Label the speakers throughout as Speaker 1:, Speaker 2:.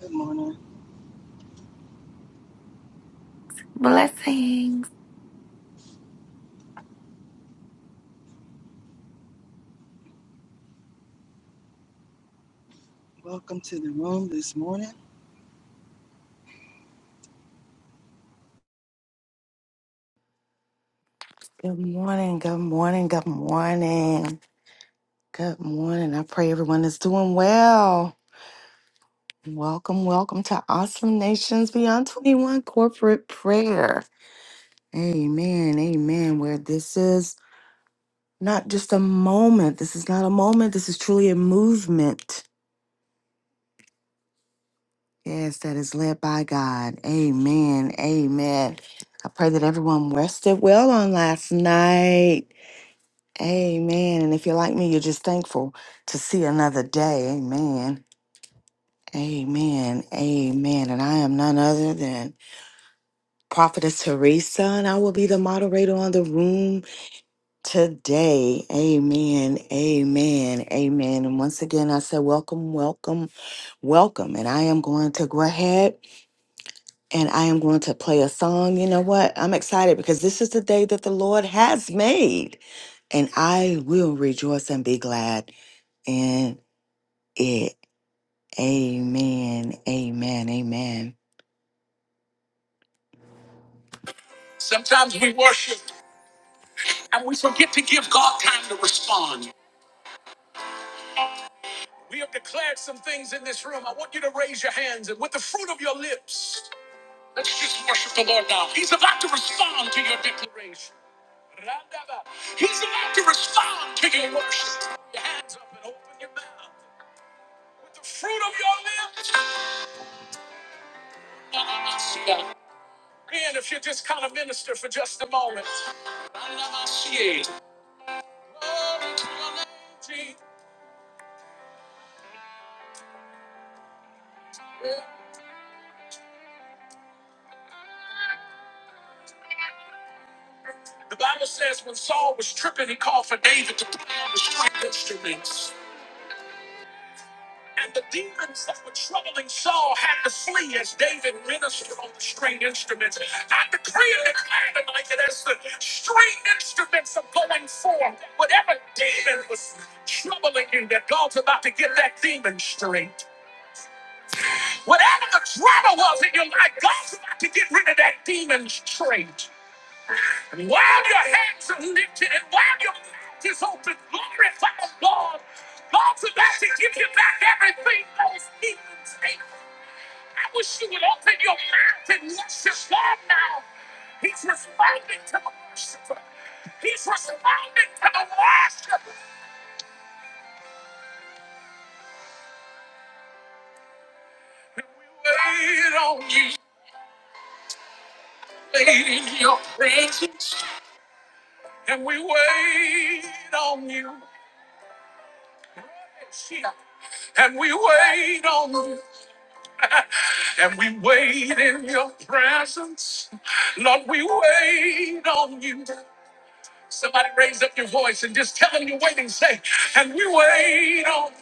Speaker 1: Good morning.
Speaker 2: Blessings.
Speaker 1: Welcome to the room this morning.
Speaker 3: Good morning, good morning, good morning. Good morning. I pray everyone is doing well. Welcome, welcome to Awesome Nations Beyond 21 Corporate Prayer. Amen, amen. Where this is not just a moment, this is not a moment, this is truly a movement. Yes, that is led by God. Amen, amen. I pray that everyone rested well on last night. Amen. And if you're like me, you're just thankful to see another day. Amen. Amen. Amen. And I am none other than Prophetess Teresa, and I will be the moderator on the room today. Amen. Amen. Amen. And once again, I say welcome, welcome, welcome. And I am going to go ahead and I am going to play a song. You know what? I'm excited because this is the day that the Lord has made, and I will rejoice and be glad. it. Amen. Amen. Amen. Sometimes we worship and we forget to give God time to respond. We have declared some things in this room. I want you to raise your hands and with the fruit of your lips, let's just worship the Lord now. He's about to respond to your declaration. Randaba. He's about to respond to your worship. Put Your hands up and open your mouth with the fruit of your lips. in if you just kind of minister for just a moment. The Bible says when Saul was tripping, he called for David to play on the string instruments. And the demons that were troubling Saul had to flee as David ministered on the string instruments. I decree and declare tonight that as the string instruments are going forth, whatever demon was troubling him. that God's about to get that demon straight. Whatever the drama was in your life, God's about to get rid of that demon trait. And while your hands are lifted and while your mouth is open, glorify the Lord. God's about to give you back everything those demons take. I wish you would open your mouth and worship God now. He's responding to the worshiper. He's responding to the worshiper. We wait on you, wait in your presence. And we wait on you. And we wait on you. And we wait in your presence. Lord, we wait on you. Somebody raise up your voice and just tell them you're waiting. Say, and we wait on you.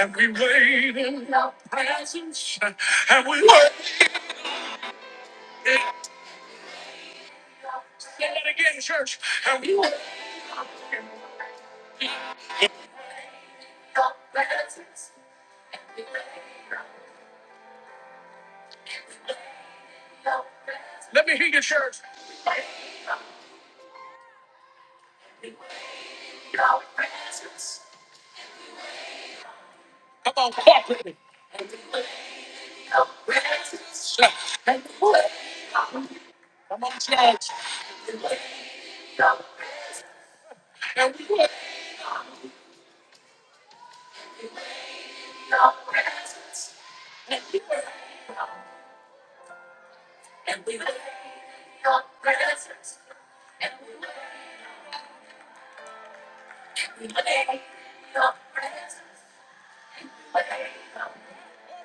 Speaker 3: And we wait in your presence. And we wait. in- Say that again, church. And we, let me hear you, church. Come on, corporately. Come on, church.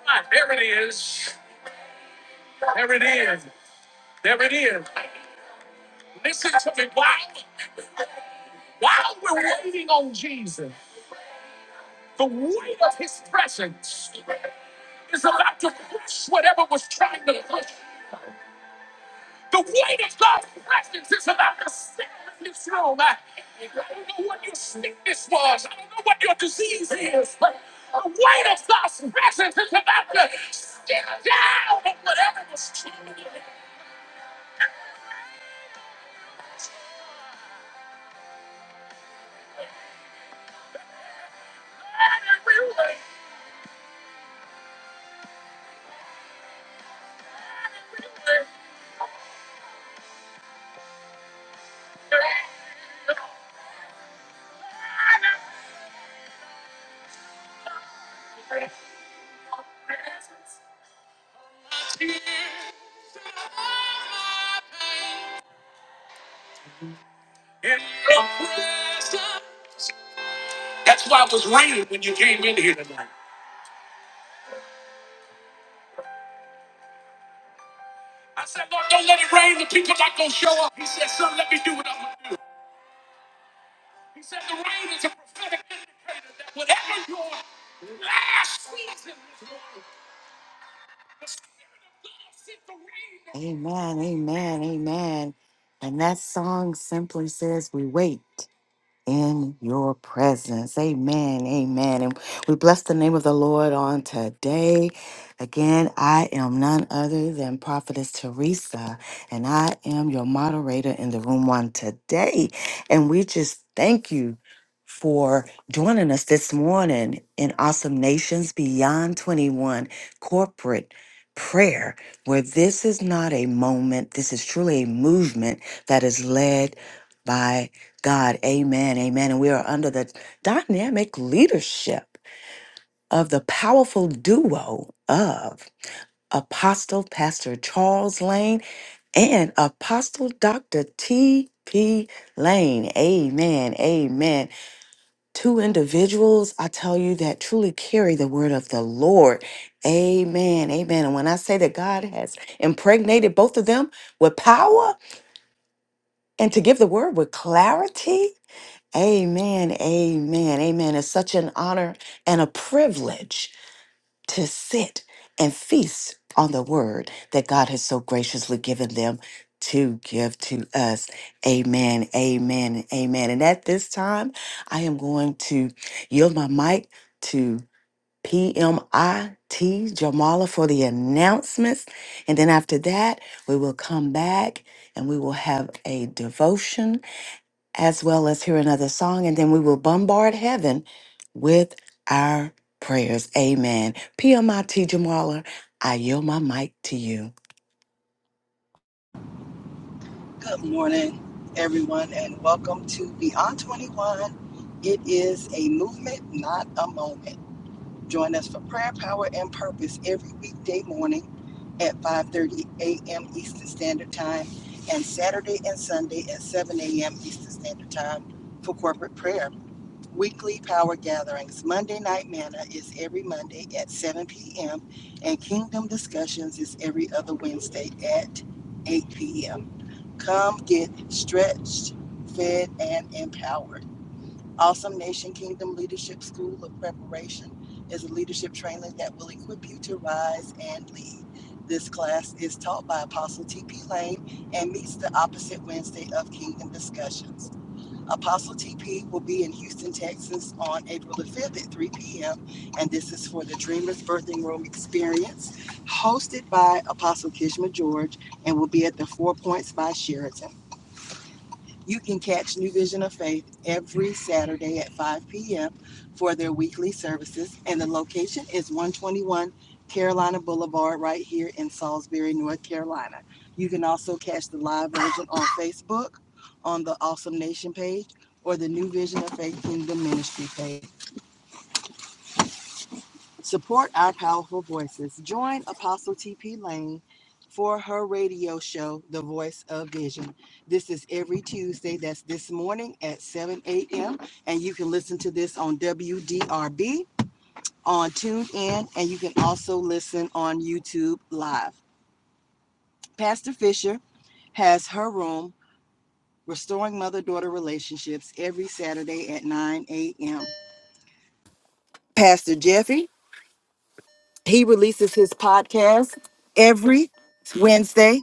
Speaker 3: Ah, There it is. There it is. There it is. Listen to me. While, while we're waiting on Jesus, the weight of his presence is about to push whatever was trying to push. The weight of God's presence is about to sit in this room. I, I don't know what your sickness was. I don't know what your disease is. But the weight of God's presence is about to sit down on whatever was trying to push. That's why it was raining when you came in here tonight. I said, Lord, don't let it rain. The people not going to show up. He said, son, let me do what I'm going to do. He said, the rain is a prophetic indicator that whatever your last season is going, the Spirit of God sent the rain. Amen, amen, amen. And that song simply says, we wait. in your presence. Amen. Amen. And we bless the name of the Lord on today. Again, I am none other than Prophetess Teresa, and I am your moderator in the room on today. And we just thank you for joining us this morning in Awesome Nations Beyond 21 corporate prayer, where this is not a moment, this is truly a movement that is led. by. God, amen, amen. And we are under the dynamic leadership of the powerful duo of Apostle Pastor Charles Lane and Apostle Dr. T.P. Lane. Amen, amen. Two individuals, I tell you, that truly carry the word of the Lord. Amen, amen. And when I say that God has impregnated both of them with power and to give the word with clarity, Amen, amen, amen. It's such an honor and a privilege to sit and feast on the word that God has so graciously given them to give to us. Amen, amen, amen. And at this time, I am going to yield my mic to PMIT Jamala for the announcements. And then after that, we will come back and we will have a devotion as well as hear another song, and then we will bombard heaven with our prayers. Amen. PMIT Jamala, I yield my mic to you.
Speaker 1: Good morning, everyone, and welcome to Beyond 21. It is a movement, not a moment. Join us for prayer, power, and purpose every weekday morning at 5:30 a.m. Eastern Standard Time and Saturday and Sunday at 7 a.m. Eastern Standard Time for corporate prayer. Weekly power gatherings. Monday Night Manna is every Monday at 7 p.m., and Kingdom Discussions is every other Wednesday at 8 p.m. Come get stretched, fed, and empowered. Awesome Nation Kingdom Leadership School of Preparation is a leadership training that will equip you to rise and lead. This class is taught by Apostle T.P. Lane and meets the opposite Wednesday of Kingdom Discussions. Apostle TP will be in Houston, Texas on April the 5th at 3 p.m. And this is for the Dreamers Birthing Room Experience, hosted by Apostle Kishma George, and will be at the Four Points by Sheraton. You can catch New Vision of Faith every Saturday at 5 p.m. for their weekly services, and the location is 121 Carolina Boulevard right here in Salisbury, North Carolina. You can also catch the live version on Facebook, on the Awesome Nation page, or the New Vision of Faith Kingdom Ministry page. Support our powerful voices. Join Apostle TP Lane for her radio show, The Voice of Vision. This is every Tuesday. That's this morning at 7 a.m. And you can listen to this on WDRB on TuneIn, and you can also listen on YouTube Live. Pastor Fisher has her room, Restoring Mother Daughter Relationships, every Saturday at 9 a.m. Pastor Jeffrey, he releases his podcast every Wednesday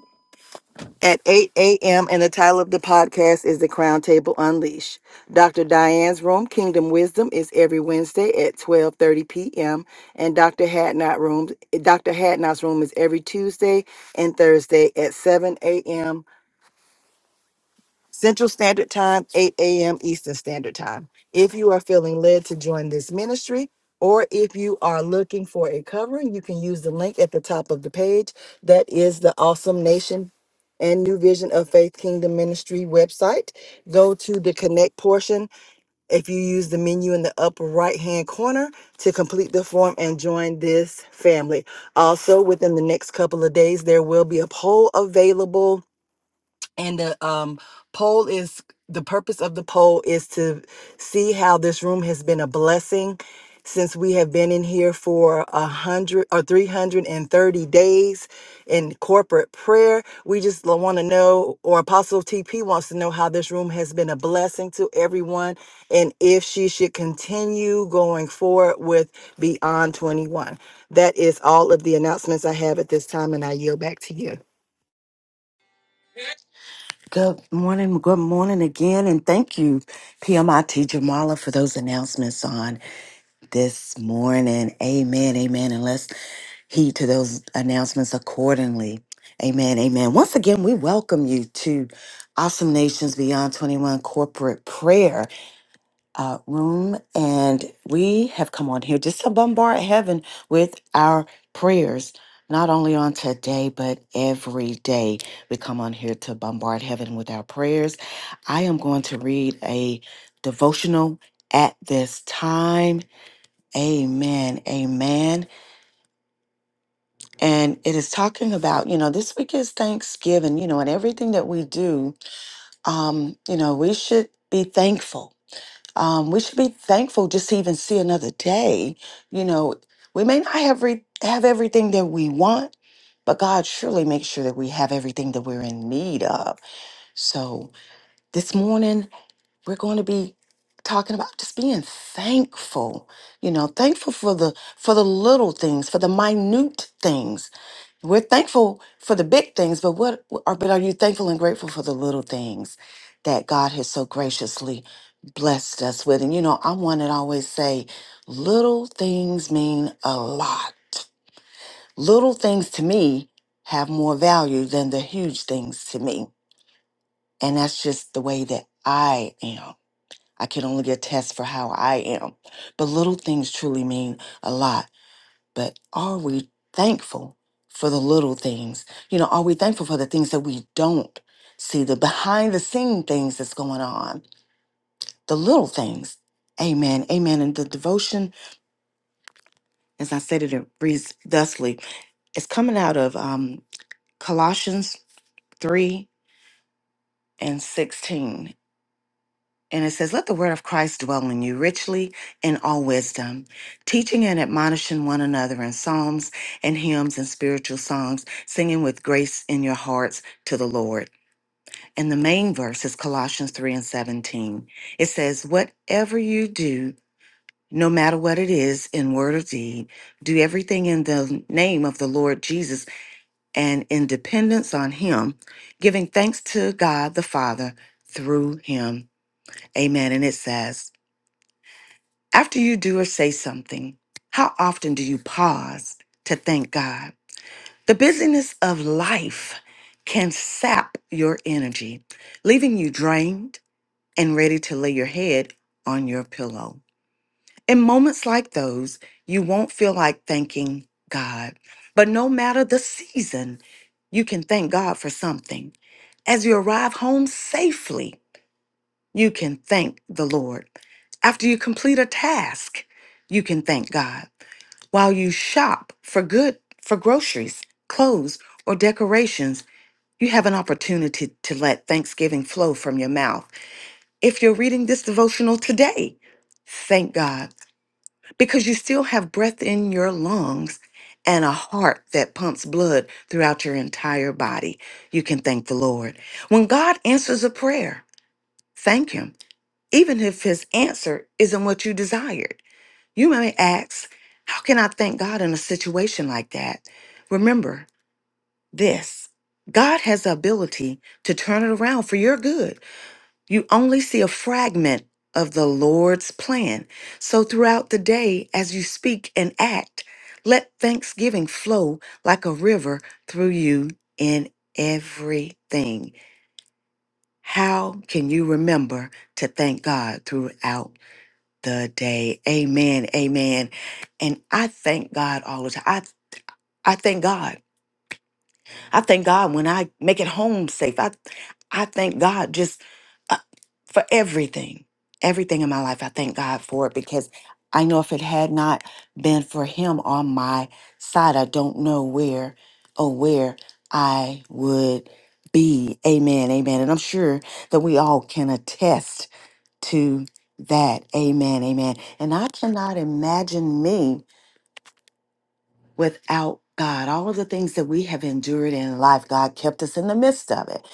Speaker 1: at 8 a.m. And the title of the podcast is The Crown Table Unleashed. Dr. Diane's Room, Kingdom Wisdom, is every Wednesday at 12:30 p.m. And Dr. Hadnot Room, Dr. Hadnot's Room is every Tuesday and Thursday at 7 a.m. Central Standard Time, 8 a.m. Eastern Standard Time. If you are feeling led to join this ministry, or if you are looking for a covering, you can use the link at the top of the page. That is the Awesome Nation and New Vision of Faith Kingdom Ministry website. Go to the connect portion if you use the menu in the upper right hand corner to complete the form and join this family. Also, within the next couple of days, there will be a poll available and the um, poll is the purpose of the poll is to see how this room has been a blessing since we have been in here for a hundred or 330 days in corporate prayer we just want to know or apostle tp wants to know how this room has been a blessing to everyone and if she should continue going forward with beyond 21 that is all of the announcements i have at this time and i yield back to you
Speaker 3: Good morning, good morning again, and thank you, PMIT Jamala, for those announcements on this morning. Amen, amen. And let's heed to those announcements accordingly. Amen, amen. Once again, we welcome you to Awesome Nations Beyond 21 Corporate Prayer. uh, room, and we have come on here just to bombard heaven with our prayers. Not only on today, but every day we come on here to bombard heaven with our prayers. I am going to read a devotional at this time. Amen. Amen. And it is talking about, you know, this week is Thanksgiving, you know, and everything that we do, um, you know, we should be thankful Um, we should be thankful just to even see another day. You know, we may not have re- have everything that we want, but God surely makes sure that we have everything that we're in need of. So this morning we're going to be talking about just being thankful. You know, thankful for the for the little things, for the minute things we're thankful for the big things, but what are but are you thankful and grateful for the little things that God has so graciously blessed us with? And you know, I'm one that always say little things mean a lot. Little things to me have more value than the huge things to me. And that's just the way that I am. I can only get tests for how I am. But little things truly mean a lot but are we thankful for the little things? You know, are we thankful for the things that we don't see, the behind the scene things that's going on, the little things? Amen. Amen. And the devotion, as I said it, it reads thusly it's coming out of um, Colossians 3 and 16. And it says, Let the word of Christ dwell in you richly in all wisdom, teaching and admonishing one another in psalms and hymns and spiritual songs, singing with grace in your hearts to the Lord. And the main verse is Colossians 3 and 17. It says, Whatever you do, no matter what it is, in word or deed, do everything in the name of the Lord Jesus and in dependence on Him, giving thanks to God the Father through Him. Amen. And it says, After you do or say something, how often do you pause to thank God? The busyness of life can sap your energy, leaving you drained and ready to lay your head on your pillow. In moments like those, you won't feel like thanking God. But no matter the season, you can thank God for something. As you arrive home safely, you can thank the Lord. After you complete a task, you can thank God. While you shop for good, for groceries, clothes, or decorations, you have an opportunity to let thanksgiving flow from your mouth. If you're reading this devotional today, thank God because you still have breath in your lungs and a heart that pumps blood throughout your entire body. You can thank the Lord. When God answers a prayer, thank Him even if his answer isn't what you desired. You may ask, How can I thank God in a situation like that? Remember this God has the ability to turn it around for your good. You only see a fragment of the Lord's plan. So throughout the day, as you speak and act, let thanksgiving flow like a river through you in everything. How can you remember to thank God throughout the day. Amen. Amen. And I thank God all the time. I I thank God. I thank God when I make it home safe. I I thank God just uh, for everything. Everything in my life, I thank God for it because I know if it had not been for him on my side, I don't know where or where I would be. Amen. Amen. And I'm sure that we all can attest to that. Amen. Amen. And I cannot imagine me without God. All of the things that we have endured in life, God kept us in the midst of it.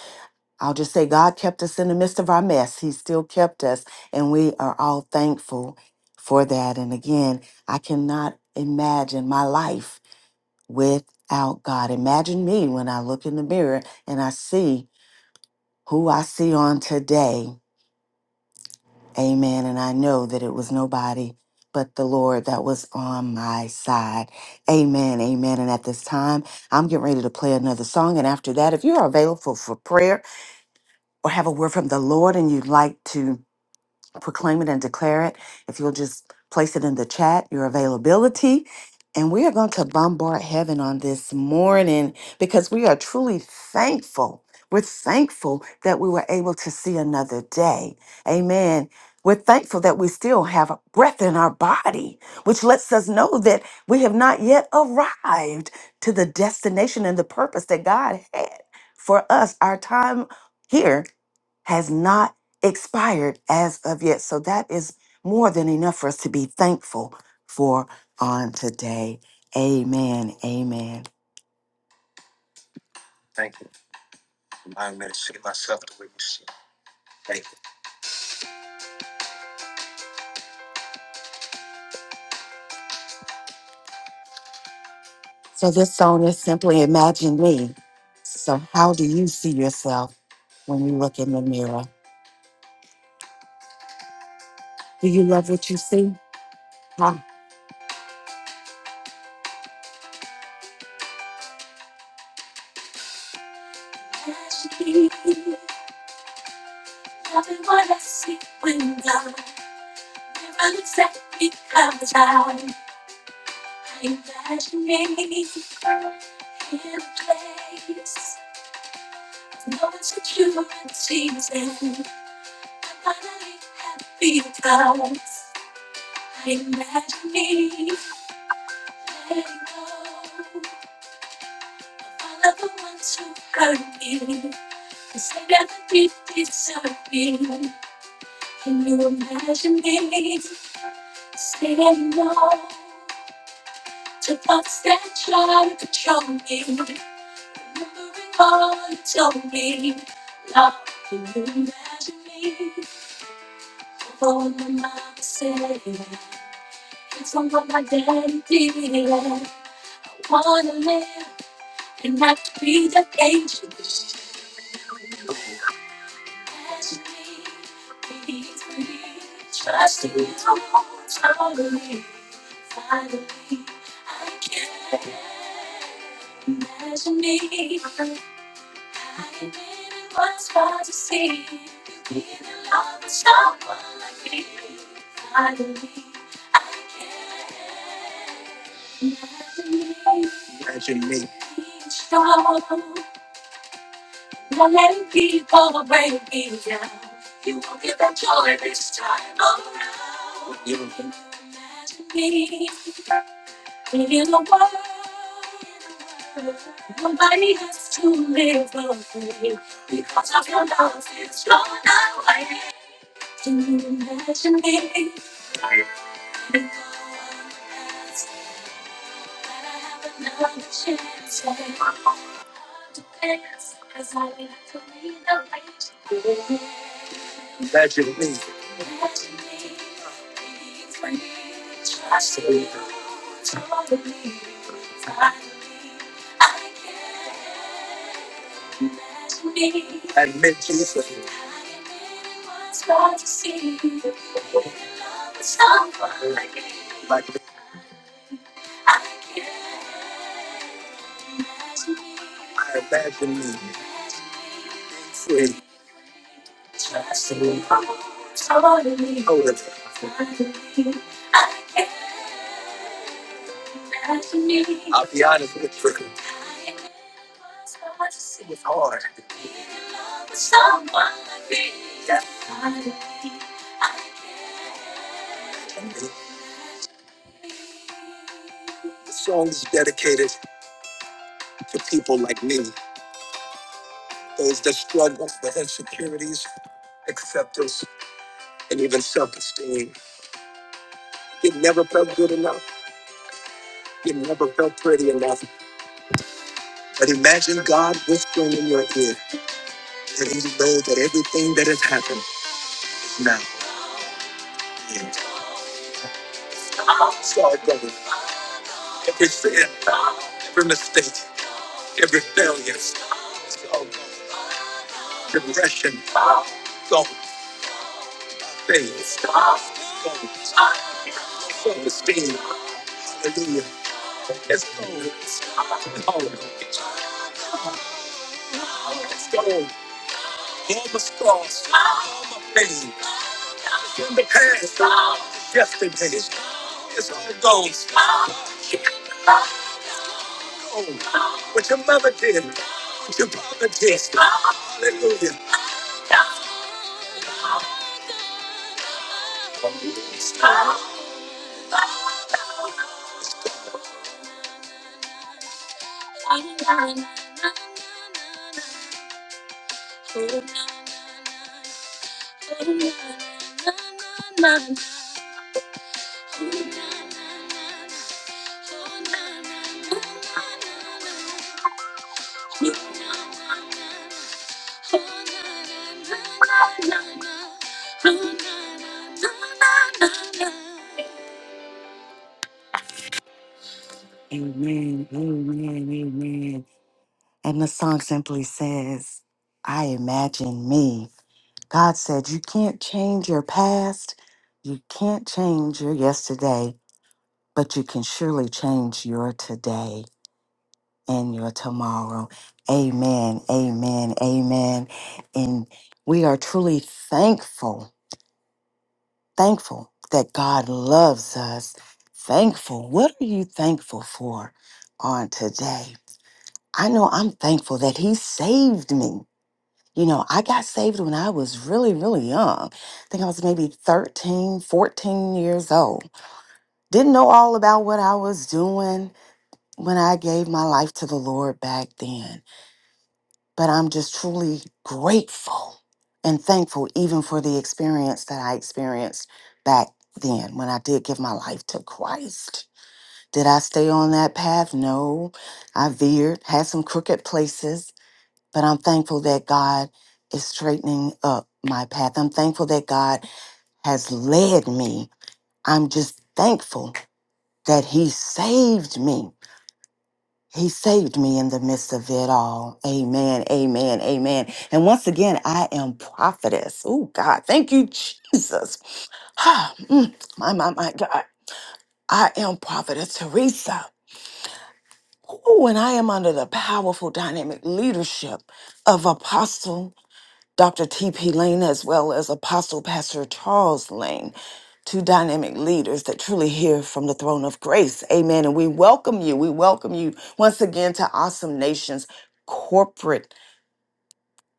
Speaker 3: I'll just say, God kept us in the midst of our mess. He still kept us, and we are all thankful for that. And again, I cannot imagine my life without God. Imagine me when I look in the mirror and I see who I see on today Amen. And I know that it was nobody but the Lord that was on my side. Amen. Amen. And at this time, I'm getting ready to play another song. And after that, if you're available for prayer or have a word from the Lord and you'd like to proclaim it and declare it. If you'll just place it in the chat, your availability. And we are going to bombard heaven on this morning because we are truly thankful. We're thankful that we were able to see another day. Amen. We're thankful that we still have breath in our body, which lets us know that we have not yet arrived to the destination and the purpose that God had for us, our time here has not expired as of yet. So that is more than enough for us to be thankful for on today. Amen. Amen. Thank you for allowing me to see myself the way you see. me. Thank you. So this song is simply imagine me. So how do you see yourself when you look in the mirror? Do you love what you see? Huh? Imagine me. You know, me. I meant Jesus. Like I imagine me. Free. I'll be honest with you. hard. And The song is dedicated to people like me, those that struggle with insecurities, acceptance, and even self esteem. You never felt good enough, you never felt pretty enough. But imagine God whispering in your ear that He knows that everything that has happened is now. And it's all gone. Every sin, every mistake, every failure, it's all gone. Depression, gone. It's all All the scars, All gone. pain. Hallelujah. Hallelujah. scars. From the past. What What your your mother did. did. father did. Hallelujah. Amen, amen, amen. And the song simply says, I imagine me. God said, You can't change your past. You can't change your yesterday, but you can surely change your today and your tomorrow. Amen, amen, amen. And we are truly thankful, thankful that God loves us. Thankful. What are you thankful for on today? I know I'm thankful that He saved me. You know, I got saved when I was really, really young. I think I was maybe 13, 14 years old. Didn't know all about what I was doing when I gave my life to the Lord back then. But I'm just truly grateful and thankful, even for the experience that I experienced back then when I did give my life to Christ. Did I stay on that path? No. I veered, had some crooked places, but I'm thankful that God is straightening up my path. I'm thankful that God has led me. I'm just thankful that He saved me. He saved me in the midst of it all. Amen. Amen. Amen. And once again, I am prophetess. Oh, God. Thank you, Jesus. Mm, my, my, my God. I am prophetess Teresa. Oh, and I am under the powerful dynamic leadership of Apostle Dr. T.P. Lane, as well as Apostle Pastor Charles Lane, two dynamic leaders that truly hear from the throne of grace. Amen. And we welcome you. We welcome you once again to Awesome Nations corporate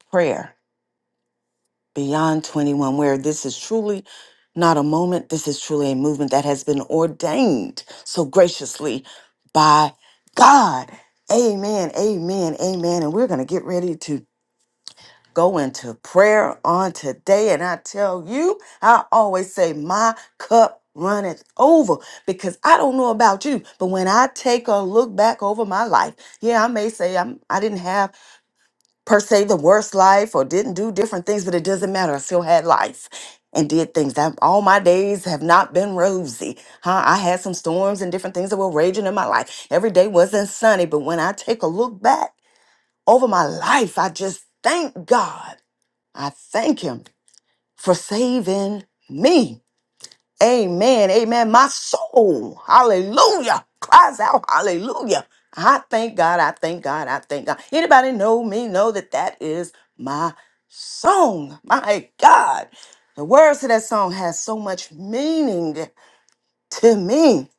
Speaker 3: prayer beyond 21, where this is truly not a moment. This is truly a movement that has been ordained so graciously by God. Amen. Amen. Amen. And we're going to get ready to go into prayer on today. And I tell you, I always say, my cup runneth over because I don't know about you, but when I take a look back over my life, yeah, I may say I'm, I didn't have per se the worst life or didn't do different things, but it doesn't matter. I still had life and did things. I, all my days have not been rosy. Huh? I had some storms and different things that were raging in my life. Every day wasn't sunny, but when I take a look back over my life, I just thank God I thank him for saving me. Amen. Amen. My soul, hallelujah, cries out, hallelujah. I thank God. I thank God. I thank God. Anybody know me? Know that that is my song. My God. The words to that song has so much meaning to me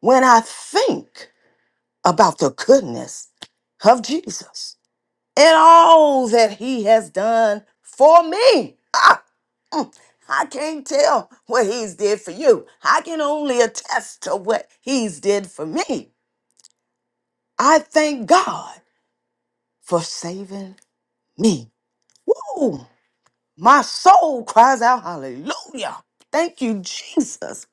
Speaker 3: when I think about the goodness of Jesus and all that he has done for me. I can't tell what he's did for you. I can only attest to what he's did for me. I thank God for saving me. Woo! My soul cries out hallelujah. Thank you, Jesus.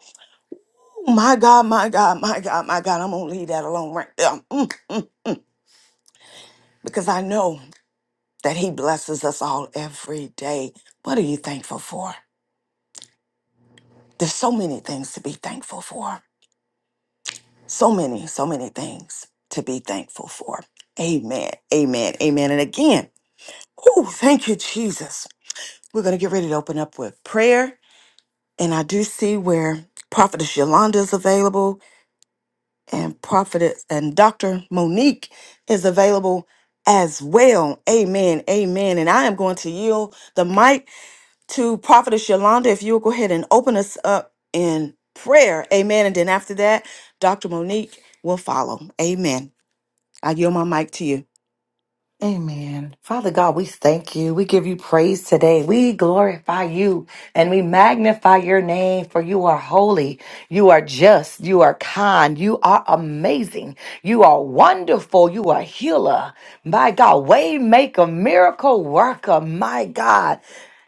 Speaker 3: Oh my God, my God, my God, my God. I'm gonna leave that alone right there. Mm, mm. mm. Because I know that he blesses us all every day. What are you thankful for? There's so many things to be thankful for. So many, so many things to be thankful for. Amen. Amen. Amen. And again, whew, thank you, Jesus. We're going to get ready to open up with prayer. And I do see where Prophetess Yolanda is available and Prophetess and Dr. Monique is available as well. Amen. Amen. And I am going to yield the mic to Prophetess Yolanda if you'll go ahead and open us up in prayer. Amen. And then after that, Dr. Monique will follow. Amen. I yield my mic to you.
Speaker 2: Amen. Father God, we thank you. We give you praise today. We glorify you and we magnify your name for you are holy. You are just. You are kind. You are amazing. You are wonderful. You are healer. My God, way maker, miracle worker. My God.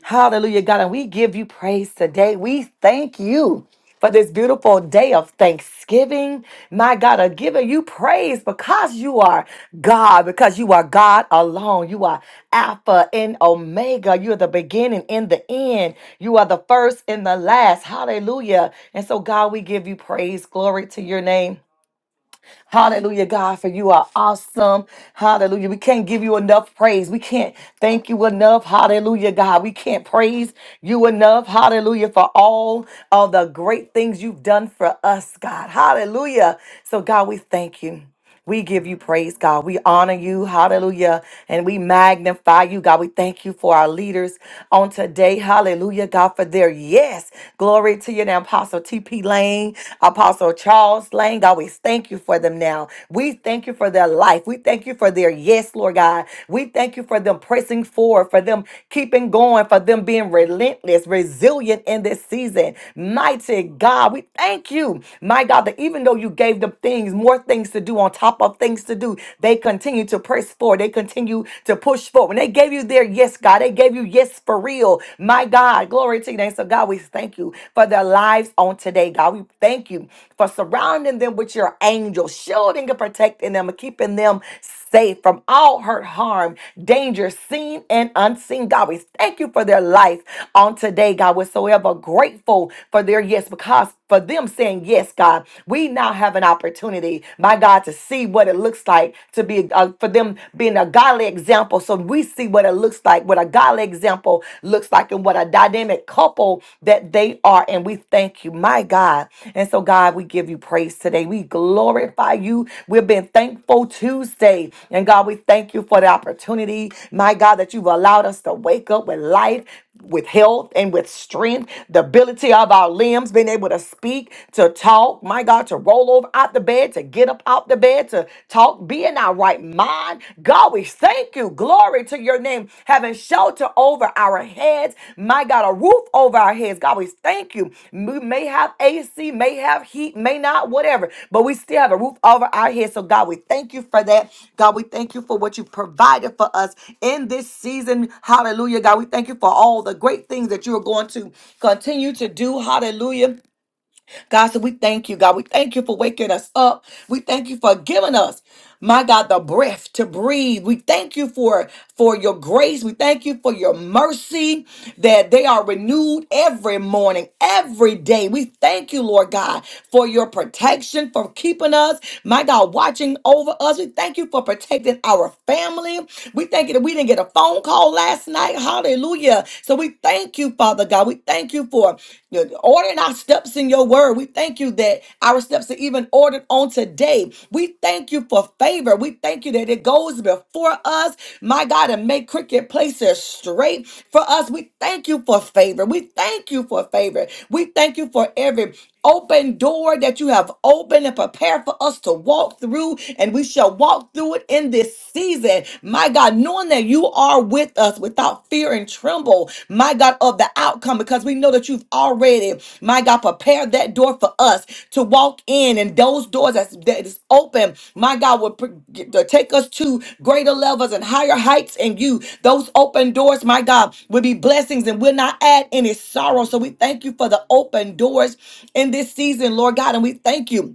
Speaker 2: Hallelujah, God. And we give you praise today. We thank you for this beautiful day of thanksgiving. My God, I'm giving you praise because you are God, because you are God alone. You are Alpha and Omega. You are the beginning and the end. You are the first and the last. Hallelujah. And so, God, we give you praise. Glory to your name. Hallelujah, God, for you are awesome. Hallelujah. We can't give you enough praise. We can't thank you enough. Hallelujah, God. We can't praise you enough. Hallelujah, for all of the great things you've done for us, God. Hallelujah. So, God, we thank you. We give you praise, God. We honor you. Hallelujah. And we magnify you, God. We thank you for our leaders on today. Hallelujah, God, for their yes. Glory to you now, Apostle T.P. Lane, Apostle Charles Lane. God, we thank you for them now. We thank you for their life. We thank you for their yes, Lord God. We thank you for them pressing forward, for them keeping going, for them being relentless, resilient in this season. Mighty God, we thank you, my God, that even though you gave them things, things, more things to do on top of things to do. They continue to press forward. They continue to push forward. When they gave you their yes, God, they gave you yes for real. My God, glory to your name. So, God, we thank you for their lives on today, God. We thank you for surrounding them with your angels, shielding and protecting them and keeping them safe from all hurt, harm, danger, seen and unseen. God, we thank you for their life on today, God. We're so ever grateful for their yes because for them saying yes, God. We we now have an opportunity, my God, to see what it looks like to be uh, for them being a godly example. So we see what it looks like, what a godly example looks like, and what a dynamic couple that they are. And we thank you, my God. And so, God, we give you praise today. We glorify you. We've been thankful Tuesday. And God, we thank you for the opportunity, my God, that you've allowed us to wake up with life with health and with strength, the ability of our limbs, being able to speak, to talk, my God, to roll over out the bed, to get up out the bed, to talk, be in our right mind. God, we thank you. Glory to your name. Having shelter over our heads, my God, a roof over our heads heads. God, we thank you. We may have AC, may have heat, may not, whatever, but we still have a roof over our heads. So, God, we thank you for that. God, we thank you for what you provided for us in this season. Hallelujah. God, we thank you for all the great things that you are going to continue to do. Hallelujah. God, so we thank you, God. We thank you for waking us up. We thank you for giving us, my God, the breath to breathe. We thank you for for your grace. We thank you for your mercy that they are renewed every morning, every day. We thank you, Lord God, for your protection, for keeping us, my God, watching over us. We thank you for protecting our family. We thank you that we didn't get a phone call last night. Hallelujah. So we thank you, Father God. We thank you for ordering our steps in your word. We thank you that our steps are even ordered on today. We thank you for favor. We thank you that it goes before us, my God, and make crooked places straight for us. We thank you for favor. We thank you for favor. We thank you for every open door that you have opened and prepared for us to walk through, and we shall walk through it in this season. My God, knowing that you are with us without fear and tremble, my God, of the outcome, because we know that you've already, my God, prepared that door for us to walk in, and those doors that's, that is open, my God, will pr- get- to take us to greater levels and higher heights in you. Those open doors, my God, will be blessings and will not add any sorrow. So we thank you for the open doors in this season, Lord God, and we thank you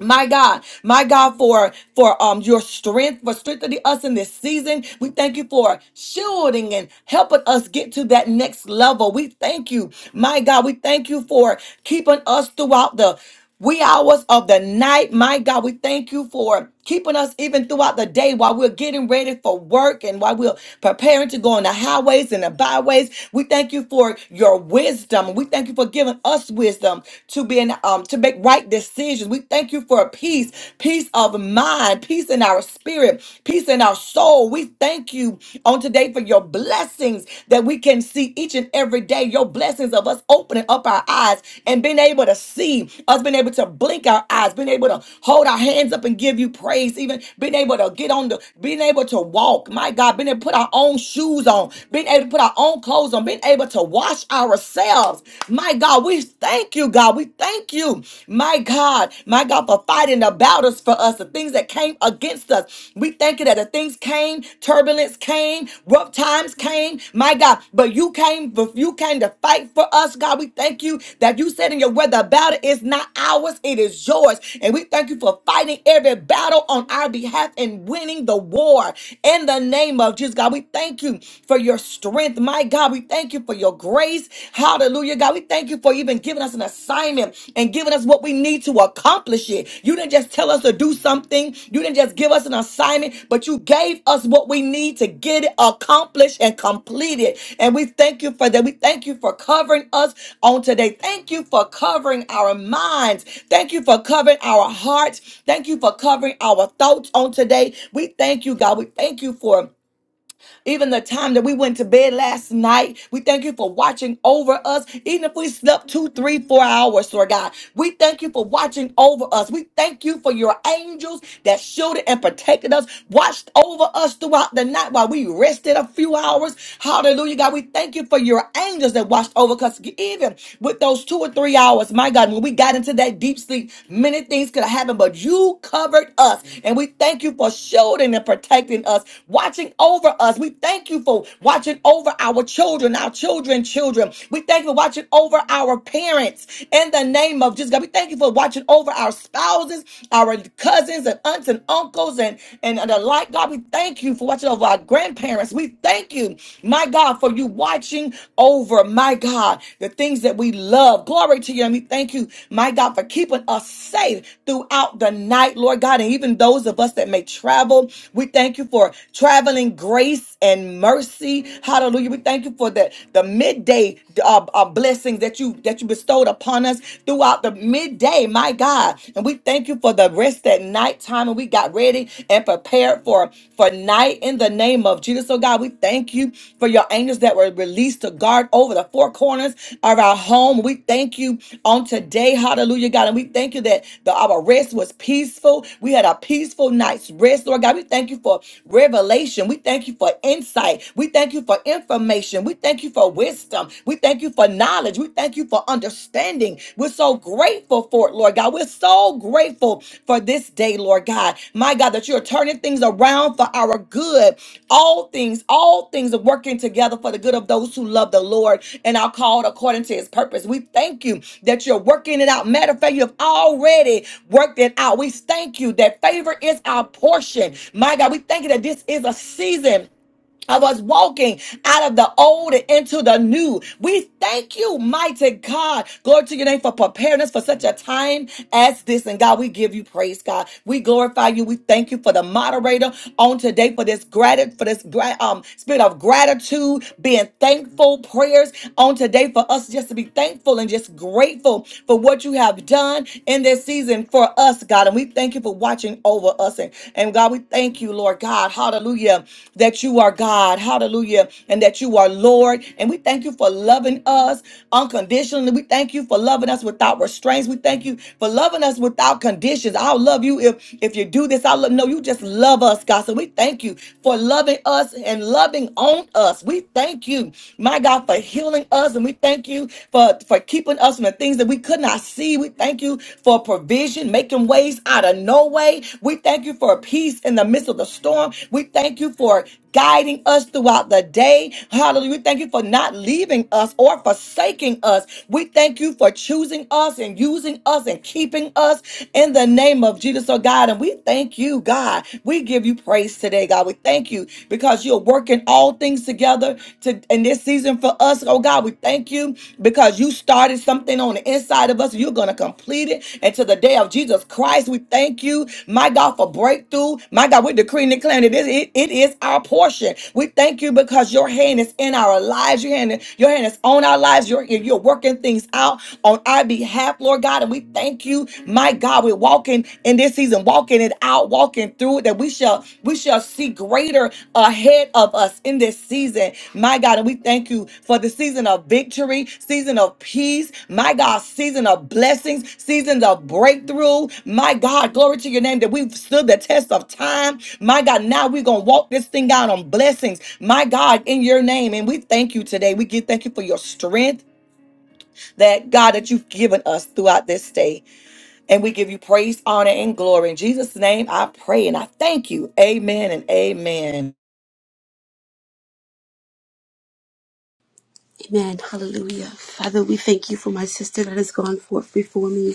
Speaker 2: my God, my God, for for um your strength, for strengthening us in this season. We thank you for shielding and helping us get to that next level. We thank you, my God. We thank you for keeping us throughout the wee hours of the night. My God, we thank you for keeping us even throughout the day while we're getting ready for work and while we're preparing to go on the highways and the byways. We thank you for your wisdom. We thank you for giving us wisdom to be in, um, to make right decisions. We thank you for a peace, peace of mind, peace in our spirit, peace in our soul. We thank you on today for your blessings that we can see each and every day. Your blessings of us opening up our eyes and being able to see, us being able to blink our eyes, being able to hold our hands up and give you praise, even being able to get on the, being able to walk. My God, being able to put our own shoes on, being able to put our own clothes on, being able to wash ourselves ourselves. My God, we thank you, God. We thank you, my God, my God, for fighting the battles for us, the things that came against us. We thank you that the things came, turbulence came, rough times came, my God, but you came, but you came to fight for us, God. We thank you that you said in your word, the battle is not ours, it is yours. And we thank you for fighting every battle on our behalf and winning the war in the name of Jesus, God. We thank you for your strength strength. My God, we thank you for your grace. Hallelujah, God. We thank you for even giving us an assignment and giving us what we need to accomplish it. You didn't just tell us to do something, you didn't just give us an assignment, but you gave us what we need to get it accomplished and completed. And we thank you for that. We thank you for covering us on today. Thank you for covering our minds. Thank you for covering our hearts. Thank you for covering our thoughts on today. We thank you, God. We thank you for even the time that we went to bed last night, we thank you for watching over us. Even if we slept two, three, four hours, Lord God, we thank you for watching over us. We thank you for your angels that shielded and protected us, watched over us throughout the night while we rested a few hours. Hallelujah, God. We thank you for your angels that watched over us. Even with those two or three hours, my God, when we got into that deep sleep, many things could have happened, but you covered us. And we thank you for shielding and protecting us, watching over us. We we thank you for watching over our children, our children, children. We thank you for watching over our parents in the name of Jesus. God, we thank you for watching over our spouses, our cousins and aunts and uncles and, and, and the like. God, we thank you for watching over our grandparents. We thank you, my God, for you watching over, my God, the things that we love. Glory to you. And we thank you, my God, for keeping us safe throughout the night, Lord God. And even those of us that may travel, we thank you for traveling grace grace and mercy. Hallelujah. We thank you for the, the midday uh, uh, blessings that you that you bestowed upon us throughout the midday, my God. And we thank you for the rest at nighttime. And we got ready and prepared for, for night in the name of Jesus. So God, we thank you for your angels that were released to guard over the four corners of our home. We thank you on today. Hallelujah, God. And we thank you that the, our rest was peaceful. We had a peaceful night's rest, Lord God. We thank you for revelation. We thank you for for insight. We thank you for information. We thank you for wisdom. We thank you for knowledge. We thank you for understanding. We're so grateful for it, Lord God. We're so grateful for this day, Lord God. My God, that you're turning things around for our good. All things, all things are working together for the good of those who love the Lord and are called according to his purpose. We thank you that you're working it out. Matter of fact, you have already worked it out. We thank you that favor is our portion. My God, we thank you that this is a season of us walking out of the old and into the new. We thank you, mighty God. Glory to your name for preparing us for such a time as this. And God, we give you praise, God. We glorify you. We thank you for the moderator on today for this gratitude, for this gra- um, spirit of gratitude, being thankful prayers on today for us just to be thankful and just grateful for what you have done in this season for us, God. And we thank thank you for watching over us. And, and God, we thank you, Lord God, hallelujah, that you are God, hallelujah, and that you are Lord. And we thank you for loving us unconditionally. We thank you for loving us without restraints. We thank you for loving us without conditions. I'll love you if, if you do this. I'll love, no, you just love us, God. So we thank you for loving us and loving on us. We thank you, my God, for healing us. And we thank you for for, for keeping us from the things that we could not see. We thank you for provision, making ways out of no way. We thank you for peace in the midst of the storm. We thank you for guiding us throughout the day. Hallelujah. We thank you for not leaving us or forsaking us. We thank you for choosing us and using us and keeping us in the name of Jesus, oh God. And we thank you, God. We give you praise today, God. We thank you because because you're working all things together to in this season for us. Oh God, we thank you because you started something on the inside of us. You're gonna complete it until the day of Jesus Christ. We thank you, my God, for breakthrough. My God, we decree and declare that it is it, it is our portion. We thank you because your hand is in our lives. Your hand, your hand is on our lives. You're, you're working things out on our behalf, Lord God. And we thank you, my God. We're walking walking in this season, walking it out, walking through it, that we shall we shall see greater ahead of us in this season. My God, and we thank you for the season of victory, season of peace, my God, season of blessings, seasons of breakthrough. My God, glory to your name that we've stood the test of time. My God, now we're gonna walk this thing out on blessings. My God, in your name. And we thank you today. We give thank you for your strength that God that you've given us throughout this day. And we give you praise, honor, and glory. In Jesus' name, I pray and I thank you. Amen and amen.
Speaker 4: Amen. Hallelujah. Father, we thank you for my sister that has gone forth before me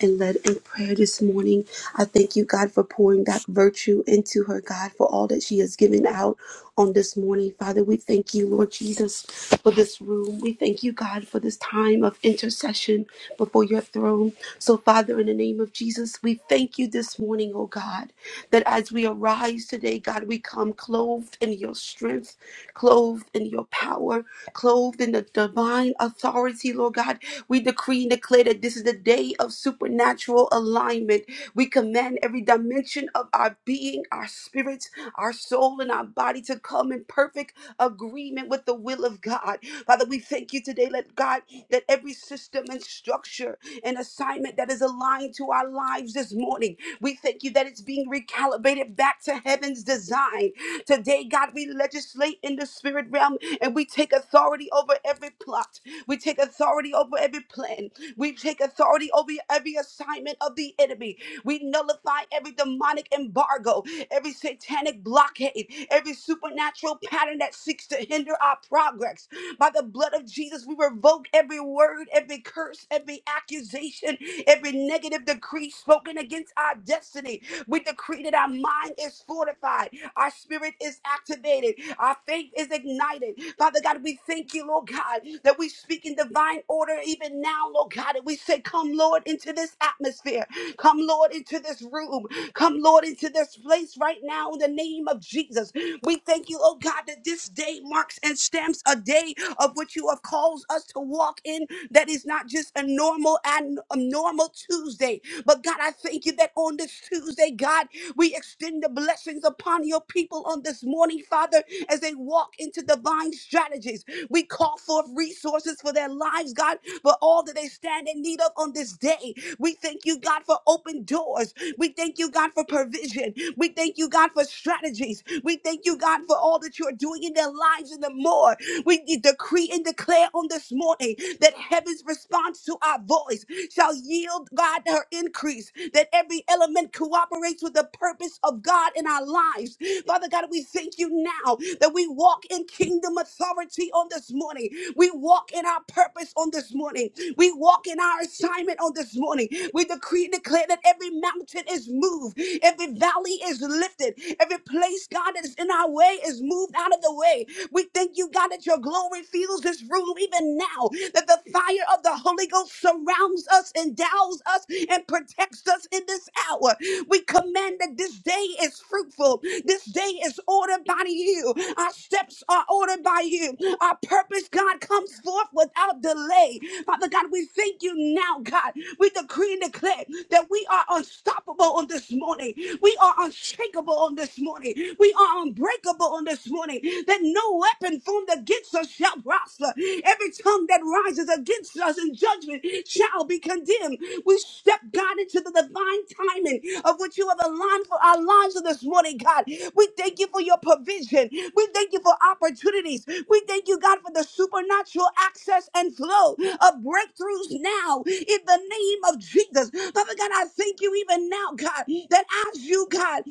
Speaker 4: and led in prayer this morning. I thank you, God, for pouring that virtue into her, God, for all that she has given out on this morning. Father, we thank you, Lord Jesus, for this room. We thank you, God, for this time of intercession before your throne. So, Father, in the name of Jesus, we thank you this morning, oh God, that as we arise today, God, we come clothed in your strength, clothed in your power clothed in the divine authority, Lord God. We decree and declare that this is the day of supernatural alignment. We command every dimension of our being, our spirits, our soul, and our body to come in perfect agreement with the will of God. Father, we thank you today, let God, that every system and structure and assignment that is aligned to our lives this morning, we thank you that it's being recalibrated back to heaven's design. Today, God, we legislate in the spirit realm and we take authority over every plot. We take authority over every plan. We take authority over every assignment of the enemy. We nullify every demonic embargo, every satanic blockade, every supernatural pattern that seeks to hinder our progress. By the blood of Jesus, we revoke every word, every curse, every accusation, every negative decree spoken against our destiny. We decree that our mind is fortified, our spirit is activated, our faith is ignited. Father God, we thank you, Lord God, that we speak in divine order even now, Lord God, and we say, Come, Lord, into this atmosphere. Come, Lord, into this room. Come, Lord, into this place right now in the name of Jesus. We thank you, oh God, that this day day marks and stamps, a day of which you have called us to walk in that is not just a normal and a normal Tuesday. But God, I thank you that on this Tuesday, God, we extend the blessings upon your people on this morning, Father, as they walk into divine strategies. We call forth resources for their lives, God, for all that they stand in need of on this day. We thank you, God, for open doors. We thank you, God, for provision. We thank you, God, for strategies. We thank you, God, for all all that you are doing in their lives and the more. We de- decree and declare on this morning that heaven's response to our voice shall yield God her increase, that every element cooperates with the purpose of God in our lives. Father God, we thank you now that we walk in kingdom authority on this morning. We walk in our purpose on this morning. We walk in our assignment on this morning. We decree and declare that every mountain is moved, every valley is lifted, every place, God, that that is in our way is moved out of the way. We thank you, God, that your glory fills this room even now, that the fire of the Holy Ghost surrounds us, endows us, and protects us in this hour. We command that this day is fruitful. This day is ordered by you. Our steps are ordered by you. Our purpose, God, comes forth without delay. Father God, we thank you now, God. We decree and declare that we are unstoppable on this morning. We are unshakable on this this morning. We are unbreakable on this morning. That no weapon formed against us shall prosper. Every tongue that rises against us in judgment shall be condemned. We step, God, into the divine timing of what you have aligned for our lives this morning, God. We thank you for your provision. We thank you for opportunities. We thank you, God, for the supernatural access and flow of breakthroughs now in the name of Jesus. Father God, I thank you even now, God, that as you, God,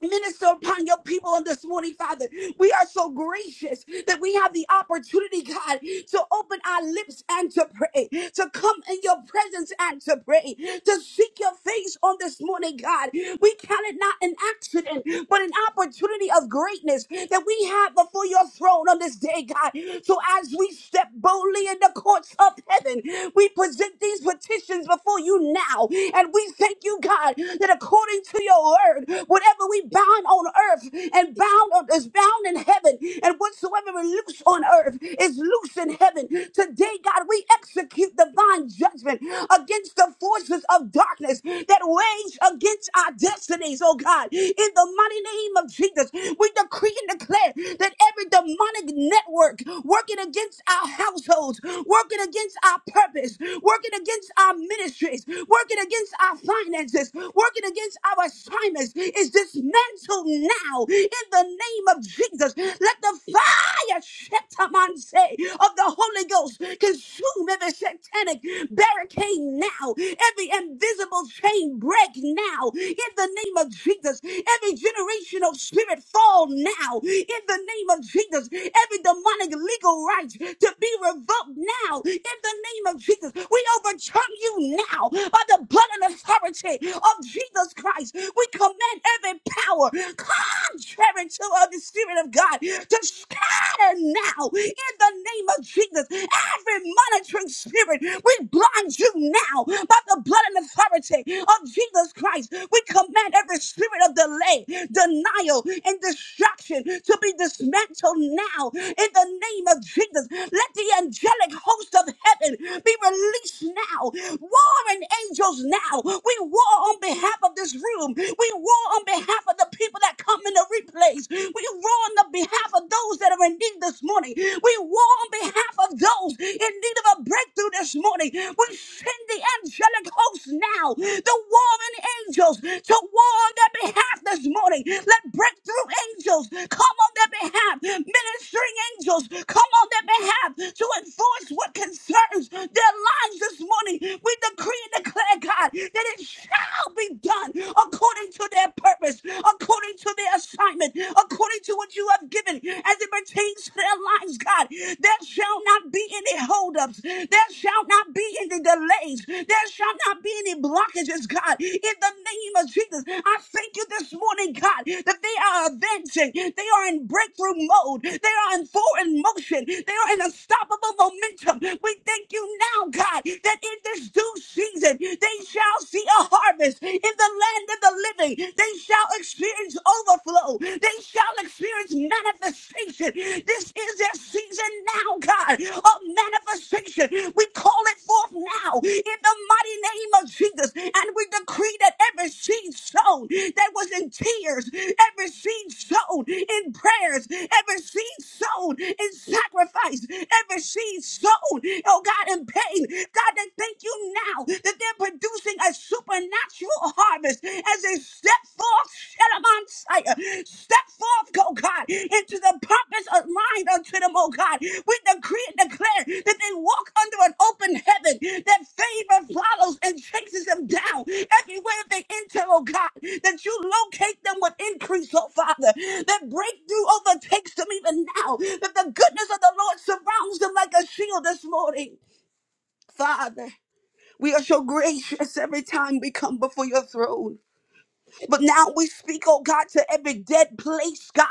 Speaker 4: Minister upon your people on this morning, Father. We are so gracious that we have the opportunity, God, to open our lips and to pray, to come in your presence and to pray, to seek your face on this morning, God. We count it not an accident, but an opportunity of greatness that we have before your throne on this day, God. So as we step step boldly in the courts of heaven. We present these petitions before you now, and we thank you, God, that according to your word, whatever we bound on earth and bound on, is bound in heaven, and whatsoever we loose on earth is loose in heaven. Today, God, we execute divine judgment against the forces of darkness that ways rage against our destinies, oh God. In the mighty name of Jesus, we decree and declare that every demonic network working against our households, working against our purpose, working against our ministries, working against our finances, working against our assignments is dismantled now in the name of Jesus. Let the fire shetamanse of the Holy Ghost consume every satanic barricade now, every invisible chain break now in the name of Jesus, every generational spirit fall now in the name of Jesus, every demonic legal right to be revoked now in the name of Jesus. We overturn you now by the blood and authority of Jesus Christ. We command every power contrary to us. Holy Spirit of God to scatter now in the name of Jesus. Every monitoring spirit, we blind you now by the blood and authority of Jesus Christ. We command every spirit of delay, denial, and distraction to be dismantled now in the name of Jesus. Let the angelic host of heaven be released now. Warring angels now. We war on behalf of this room. We war on behalf of the people people that come in the replays. We war on the behalf of those that are in need this morning. We war on behalf of those in need of a breakthrough this morning. We send the angelic hosts now, the warring angels, to war on their behalf this morning. Let breakthrough angels come on their behalf. Ministering angels come on their behalf to enforce what concerns their lives this morning. We decree and declare, God, that it shall be done according to their purpose, according to their assignment, according to what you have given as it pertains to their lives, God. There shall not be any holdups. There shall not be any delays. There shall not be any blockages, God. In the name of Jesus, I thank you this morning, God, that they are advancing. They are in breakthrough mode. They are in forward motion. They are in unstoppable momentum. We thank you now, God, that in this due season, they shall see see a harvest in the land of the living. They shall experience overflow. They shall experience manifestation. This is their season now, God, of manifestation. We call it forth now in the mighty name of Jesus. And we decree that every seed sown that was in tears, every seed sown in prayers, every seed sown in sacrifice, every seed sown, oh God, in pain. God, they thank you now that they're producing a supernatural harvest as they step forth, Shedamon Sire. Step forth, oh God, into the purpose aligned unto them, oh God. We decree and declare that they walk under an open heaven, that favor follows and chases them down everywhere they enter, oh God. That you locate them with increase, oh Father. That breakthrough overtakes them even now. That the goodness of the Lord surrounds them like a shield this morning, Father. We are so gracious every time we come before your throne. But now we speak, oh God, to every dead place, God,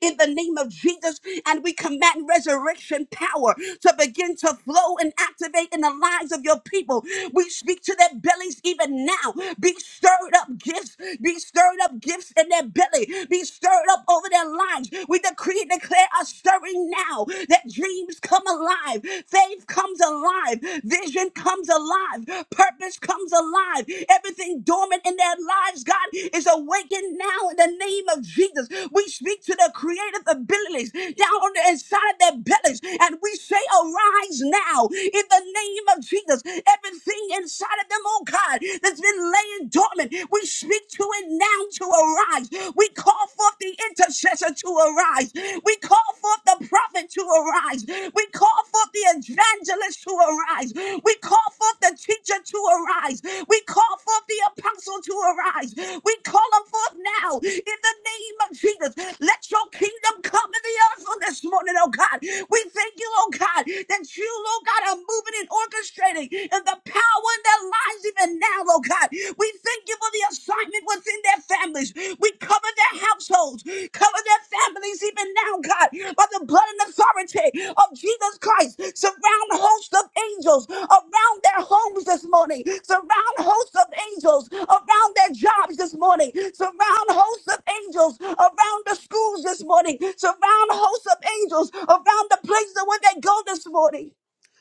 Speaker 4: in the name of Jesus, and we command resurrection power to begin to flow and activate in the lives of your people. We speak to their bellies even now. Be stirred up gifts, be stirred up gifts in their belly, be stirred up over their lives. We decree and declare a stirring now that dreams come alive, faith comes alive, Vision comes alive. Purpose comes alive. Everything dormant in their lives, God, is awakened now in the name of Jesus. We speak to the creative abilities down on the inside of their bellies, and we say, Arise now in the name of Jesus. Everything inside of them, oh God, that's been laying dormant, we speak to it now to arise. We call forth the intercessor to arise arise. We call forth the prophet to arise. We call forth the evangelist to arise. We call forth the teacher to arise. We call forth the apostle to arise. We call them forth now in the name of Jesus. Let your kingdom come in the earth on this morning, oh God. We thank you, oh God, that you, oh God, are moving and orchestrating in the power that lies even now, oh God. We Thank you for the assignment within their families. We cover their households, cover their families even now, God, by the blood and authority of Jesus Christ. Surround hosts of angels around their homes this morning. Surround hosts of angels around their jobs this morning. Surround hosts of angels around the schools this morning. Surround hosts of angels around the places where they go this morning.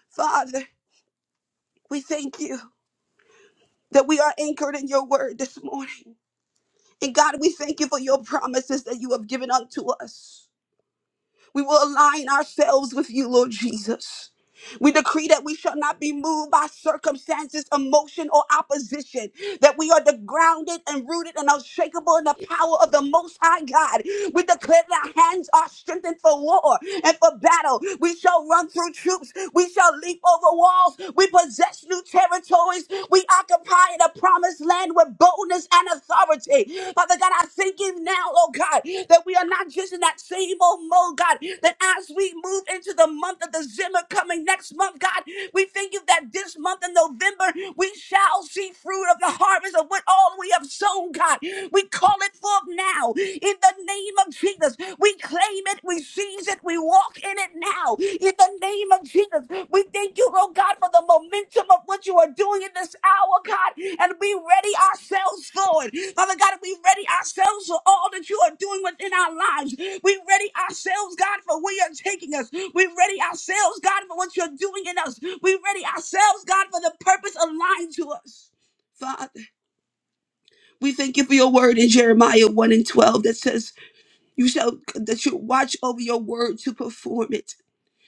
Speaker 4: Father, we thank you that we are anchored in your word this morning. And God, we thank you for your promises that you have given unto us. We will align ourselves with you, Lord Jesus. We decree that we shall not be moved by circumstances, emotion, or opposition that we are the grounded and rooted and unshakable in the power of the Most High God. We declare that our hands are strengthened for war and for battle. We shall run through troops. We shall leap over walls. We possess new territories. We occupy the promised land with boldness and authority. Father God, I thank you now, oh God, that we are not just in that same old mode, God, that as we move into the month of December coming next month, God, we thank you that this month in November, we shall see fruit fruit of the harvest of what all we have sown, God. We call it forth now in the name of Jesus. We claim it, we seize it, we walk in it now in the name of Jesus. We thank you, oh God, for the momentum of what you are doing in this hour, God, and we ready ourselves for it. Father God, we ready ourselves for all that you are doing within our lives. We ready ourselves, God, for where you're taking us. We ready ourselves, God, for what you're doing in us. We ready ourselves, God, for the purpose aligned to us. Father, we thank you for your word in Jeremiah 1 and 12 that says, You shall that you watch over your word to perform it.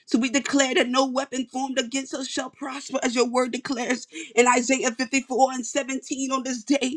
Speaker 4: So we declare that no weapon formed against us shall prosper, as your word declares in Isaiah 54 and 17 on this day.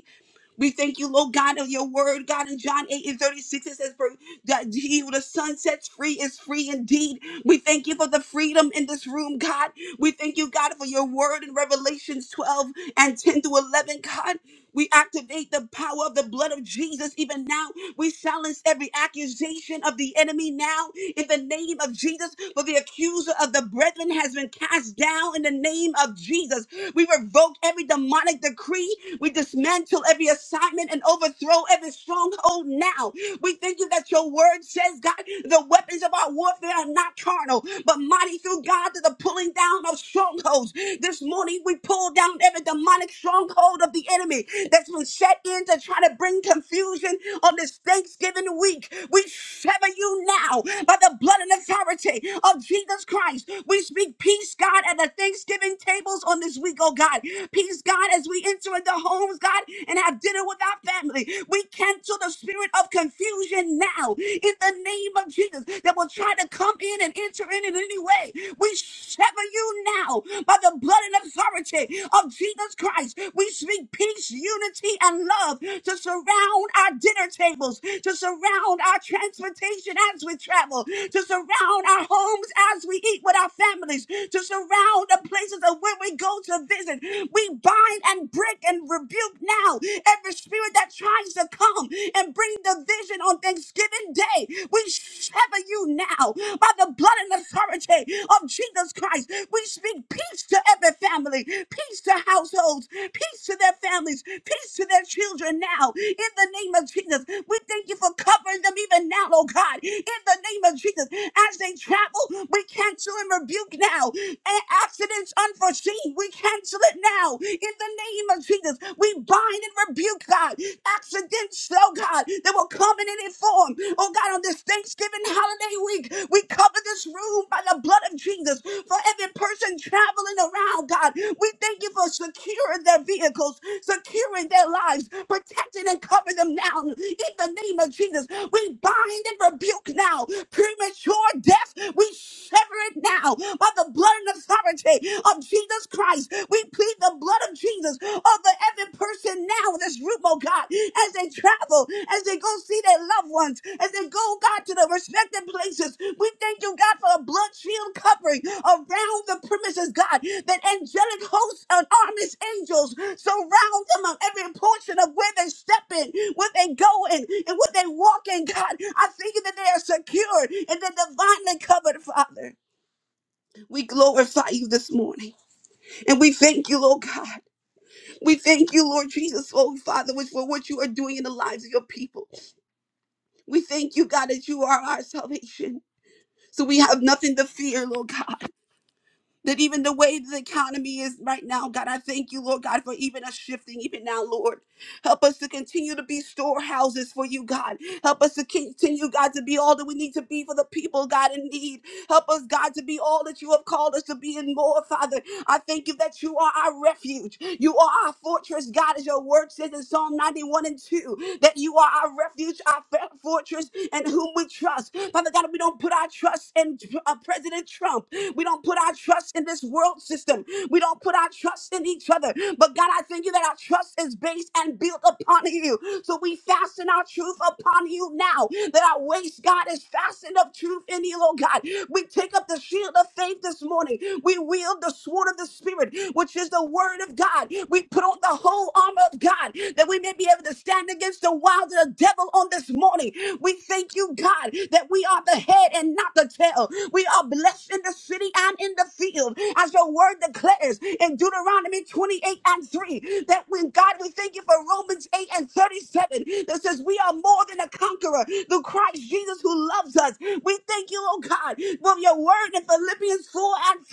Speaker 4: We thank you, Lord God, of your word, God. In John 8 and 36, it says, For that he who the sun sets free is free indeed. We thank you for the freedom in this room, God. We thank you, God, for your word in Revelations 12 and 10 through 11, God. We activate the power of the blood of Jesus even now we silence every accusation of the enemy now in the name of Jesus. For the accuser of the brethren has been cast down in the name of Jesus. We revoke every demonic decree. We dismantle every assignment and overthrow every stronghold now. We thank you that your word says, God, the weapons of our warfare are not carnal, but mighty through God to the pulling down of strongholds. This morning we pull down every demonic stronghold of the enemy that's been set in to try to bring confusion confusion on this Thanksgiving week. We sever you now by the blood and authority of Jesus Christ. We speak peace, God, at the Thanksgiving tables on this week, oh God. Peace, God, as we enter into homes, God, and have dinner with our family. We cancel the spirit of confusion now in the name of Jesus that will try to come in and enter in in any way. We sever you now by the blood and authority of Jesus Christ. We speak peace, unity, and love to to surround our dinner tables, to surround our transportation as we travel, to surround our homes as we eat with our families, to surround the places of where we go to visit. We bind and break and rebuke now every spirit that tries to come and bring division on Thanksgiving Day. We sever you now by the blood and authority of Jesus Christ. We speak peace to every family, peace to households, peace to their families, peace to their to their children now in the name of Jesus. We thank you for covering them even now, oh God, in the name of Jesus. As they travel, we cancel and rebuke now. And accidents unforeseen, we cancel it now in the name of Jesus. We bind and rebuke, God, accidents, oh God, that will come in any form. Oh God, on this Thanksgiving holiday week, we cover this room by the blood of Jesus. For every person traveling around, God, we thank you for securing their vehicles, securing their lives, protecting and covering them now. In the name of Jesus, we bind and rebuke now premature death. We sever it now by the blood and authority of Jesus Christ. We plead the blood of Jesus over every person now in this room, oh God, as they travel, as they go see their loved ones, as they go, God, to their respective places. We thank you, God, for a blood shield covering around the premises, God, that angelic hosts and armies, angels Surround them on every portion of where they step in, where they go in, and where they walk in, God. I thank you that they are secured and they're divinely covered, Father. We glorify you this morning. And we thank you, Lord God. We thank you, Lord Jesus, Lord Father, for what you are doing in the lives of your people. We thank you, God, that you are our salvation. So we have nothing to fear, Lord God. that even the way the economy is right now, God, I thank you, Lord God, for even us shifting, even now, Lord. Help us to continue to be storehouses for you, God. Help us to continue, God, to be all that we need to be for the people, God, in need. Help us, God, to be all that you have called us to be and more, Father. I thank you that you are our refuge. You are our fortress, God, as your word says in Psalm 91 and 2, that you are our refuge, our fa- fortress, and whom we trust. Father God, we don't put our trust in uh, President Trump. We don't put our trust in this world system. We don't put our trust in each other. But God, I thank you that our trust is based and built upon you. So we fasten our truth upon you now, that our waist, God, is fastened up truth in you, oh God. We take up the shield of faith this morning. We we wield the sword of the Spirit, which is the word of God. We put on the whole armor of God that we may be able to stand against the wiles of the devil on this morning. We thank you, God, that we are the head and not the tail. We are blessed in the city and in the field, as your word declares in Deuteronomy 28 and 3. That when God, we thank you for Romans 8 and 37 that says we are more than a conqueror through Christ Jesus who loves us. We thank you, oh God, for your word in Philippians 4 and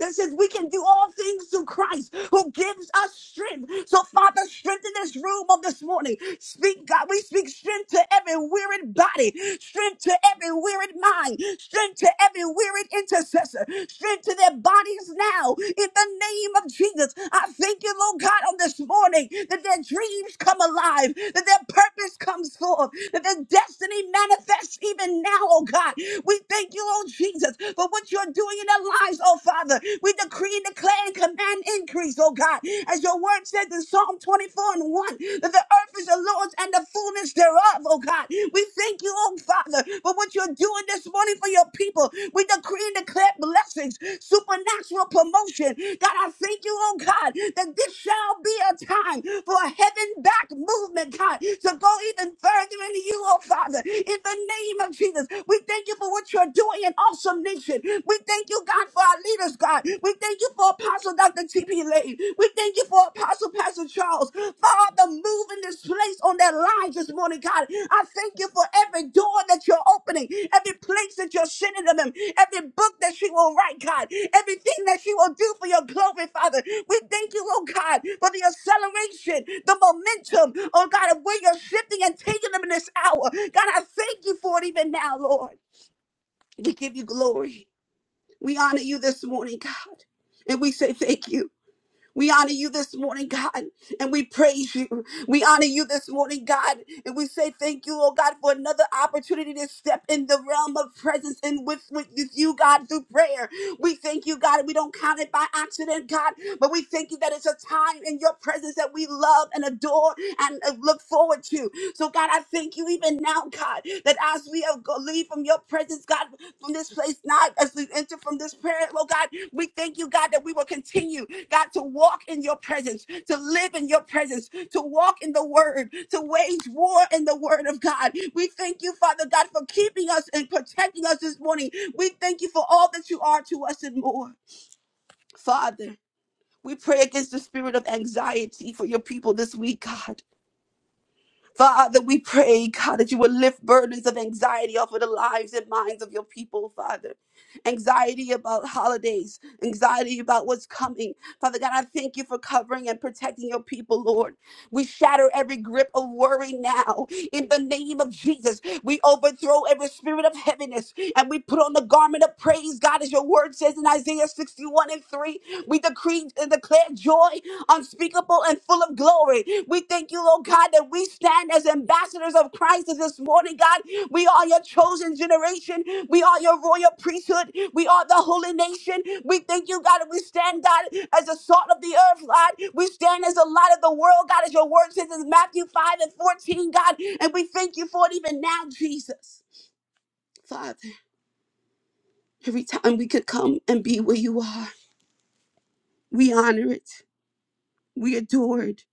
Speaker 4: that says we can do all things through Christ who gives us strength. So, Father, strengthen this room on this morning. Speak, God, we speak strength to every wearied body, strength to every wearied mind, strength to every wearied intercessor, strength to their bodies now in the name of Jesus. I thank you, Lord God, on this morning that their dreams come alive, that their purpose comes forth, that their destiny manifests even now, oh God. We thank you, oh Jesus, Jesus, for what you're doing in their lives, oh Father. We decree and declare and command increase, oh God. As your word says in Psalm 24 and 1, that the earth is the Lord's and the fullness thereof, oh God. We thank you, oh Father, for what you're doing this morning for your people. We decree and declare blessings, supernatural promotion. God, I thank you, oh God, that this shall be a time for a heaven back movement, God, to go even further into you, oh Father, in the name of Jesus. We thank you for what you're doing doing an awesome nation. We thank you, God, for our leaders, God. We thank you for Apostle Dr. T.P. Lane. We thank you for Apostle Pastor Charles. Father, move in this place on their lives this morning, God. I thank you for every door that you're opening, every place that you're sending to them, every book that she will write, God, everything that she will do for your glory, Father. We thank you, oh God, for the acceleration, the momentum, oh God, of where you're shifting and taking them in this hour. God, I thank you for it even now, Lord. We give you glory. We honor you this morning, God. And we say thank you. We honor you this morning, God, and we praise you. We honor you this morning, God, and we say thank you, oh God, for another opportunity to step in the realm of presence and with, with, with you, God, through prayer. We thank you, God, and we don't count it by accident, God, but we thank you that it's a time in your presence that we love and adore and uh, look forward to. So, God, I thank you even now, God, that as we have go- leave from your presence, God, from this place not as we enter from this prayer. Lord God, we thank you, God, that we will continue, God, to walk in your presence, to live in your presence, to walk in the word, to wage war in the word of God. We thank you, Father God, for keeping us and protecting us this morning. We thank you for all that you are to us and more, Father. We pray against the spirit of anxiety for your people this week, God. Father, we pray, God, that you will lift burdens of anxiety off of the lives and minds of your people, Father. Anxiety about holidays, anxiety about what's coming. Father God, I thank you for covering and protecting your people, Lord. We shatter every grip of worry now in the name of Jesus. We overthrow every spirit of heaviness and we put on the garment of praise, God, as your word says in Isaiah 61 and 3. We decree and declare joy unspeakable and full of glory. We thank you, Lord God, that we stand as ambassadors ambassadors of Christ this morning, God. We are your chosen generation. We are your royal priesthood. We are the holy nation. We thank you, God, and we stand, God, as the salt of the earth, God. We stand as the light of the world, God, as your word says in Matthew 5 and 14, God. And we thank you for it even now, Jesus. Father, every time we could come and be where you are, we honor it. We adore it.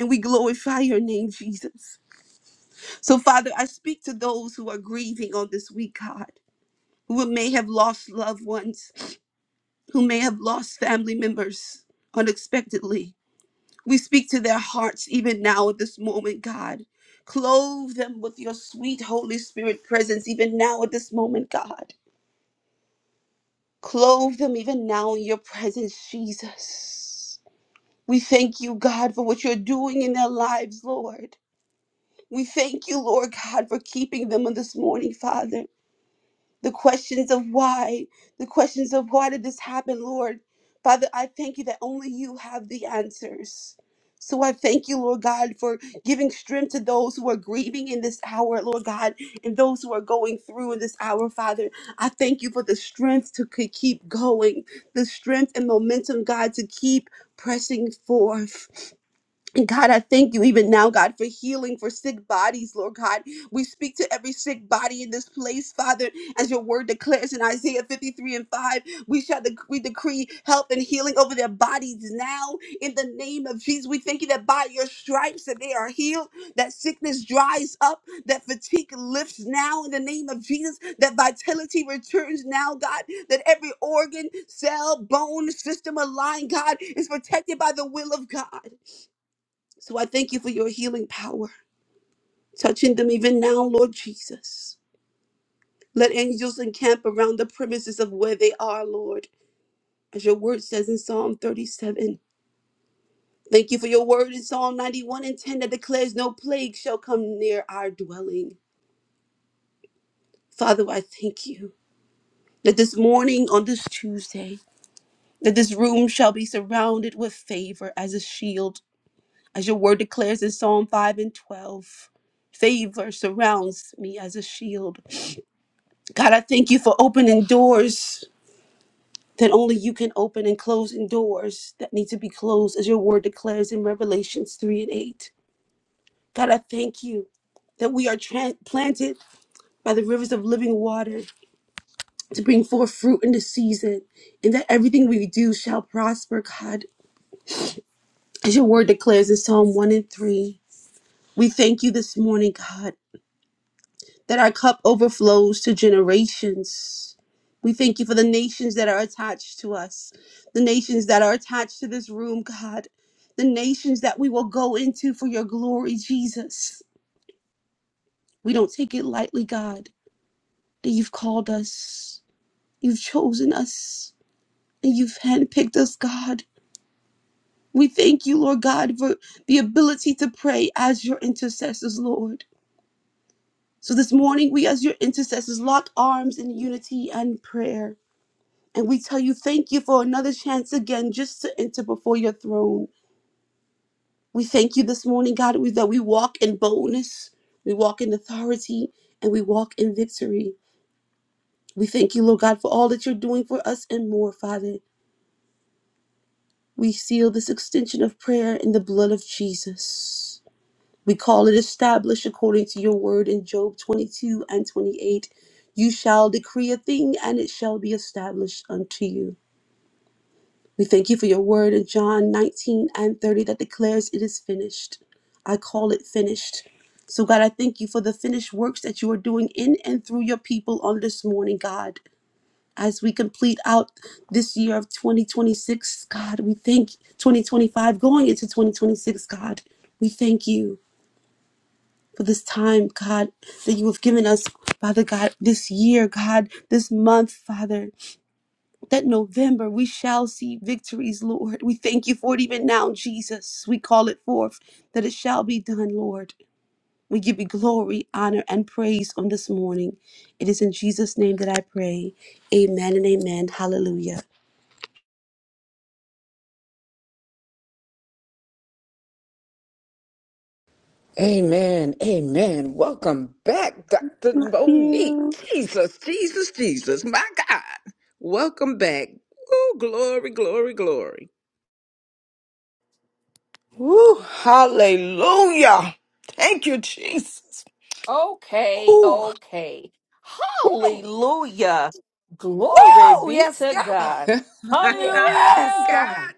Speaker 4: And we glorify your name, Jesus. So, Father, I speak to those who are grieving on this week, God. who may have lost loved ones, who may have lost family members unexpectedly. We speak to their hearts even now at this moment, God. Clothe them with your sweet Holy Spirit presence even now at this moment, God. Clothe them even now in your presence, Jesus. We thank you, God, for what you're doing in their lives, Lord. We thank you, Lord God, for keeping them on this morning, Father. the questions of why, the questions of why did this happen, Lord. Father, I thank you that only you have the answers. So I thank you, Lord God, for giving strength to those who are grieving in this hour, Lord God, and those who are going through in this hour, Father. I thank you for the strength to k- keep going, the strength and momentum, God, to keep pressing forth. And God, I thank you even now, God, for healing for sick bodies, Lord God. We speak to every sick body in this place, Father, as your word declares in Isaiah 53 and 5. We shall dec- we decree health and healing over their bodies now in the name of Jesus. We thank you that by your stripes that they are healed, that sickness dries up, that fatigue lifts now in the name of Jesus, that vitality returns now, God, that every organ, cell, bone, system aligned, God, is protected by the will of God. So I thank you for your healing power, touching them even now, Lord Jesus. Let angels encamp around the premises of where they are, Lord, as your word says in Psalm 37. Thank you for your word in Psalm 91 and 10 that declares no plague shall come near our dwelling. Father, I thank you that this morning on this Tuesday, that this room shall be surrounded with favor as a shield, as your word declares in Psalm 5 and 12. Favor surrounds me as a shield. God, I thank you for opening doors that only you can open and closing doors that need to be closed, as your word declares in Revelations 3 and 8. God, I thank you that we are tran- planted by the rivers of living water to bring forth fruit in the season, and that everything we do shall prosper, God, as your word declares in Psalm 1 and 3. We thank you this morning, God. that our cup overflows to generations. We thank you for the nations that are attached to us, the nations that are attached to this room, God, the nations that we will go into for your glory, Jesus. We don't take it lightly, God, that you've called us, you've chosen us, and you've handpicked us, God. We thank you, Lord God, for the ability to pray as your intercessors, Lord. So this morning, we as your intercessors lock arms in unity and prayer And we tell you, thank you for another chance again just to enter before your throne. We thank you this morning, God, that we walk in boldness, we walk in authority, and we walk in victory. We thank you, Lord God, for all that you're doing for us and more, Father. We seal this extension of prayer in the blood of Jesus. We call it established according to your word in Job 22 and 28. You shall decree a thing, and it shall be established unto you. We thank you for your word in John 19 and 30 that declares it is finished. I call it finished. So, God, I thank you for the finished works that you are doing in and through your people on this morning, God. As we complete out this year of 2026, God, we thank 2025 going into 2026, God. We thank you for this time, God, that you have given us, Father God, this year, God, this month, Father that November we shall see victories, Lord. We thank you for it even now, Jesus. We call it forth that it shall be done, Lord. We give you glory, honor, and praise on this morning. It is in Jesus' name that I pray. Amen and amen. Hallelujah.
Speaker 5: Amen. Amen. Welcome back, Dr.
Speaker 4: Thank
Speaker 5: Monique.
Speaker 4: you.
Speaker 5: Jesus, Jesus, Jesus, my God. Welcome back. Oh, glory, glory, glory.
Speaker 3: Woo, hallelujah. Thank you, Jesus.
Speaker 6: Okay,
Speaker 3: Woo,
Speaker 6: okay.
Speaker 3: woo,
Speaker 6: Hallelujah. Glory
Speaker 3: woo.
Speaker 6: be
Speaker 3: Yes,
Speaker 6: to
Speaker 3: God.
Speaker 6: God.
Speaker 5: God,
Speaker 3: Yes,
Speaker 6: Hallelujah.
Speaker 3: God.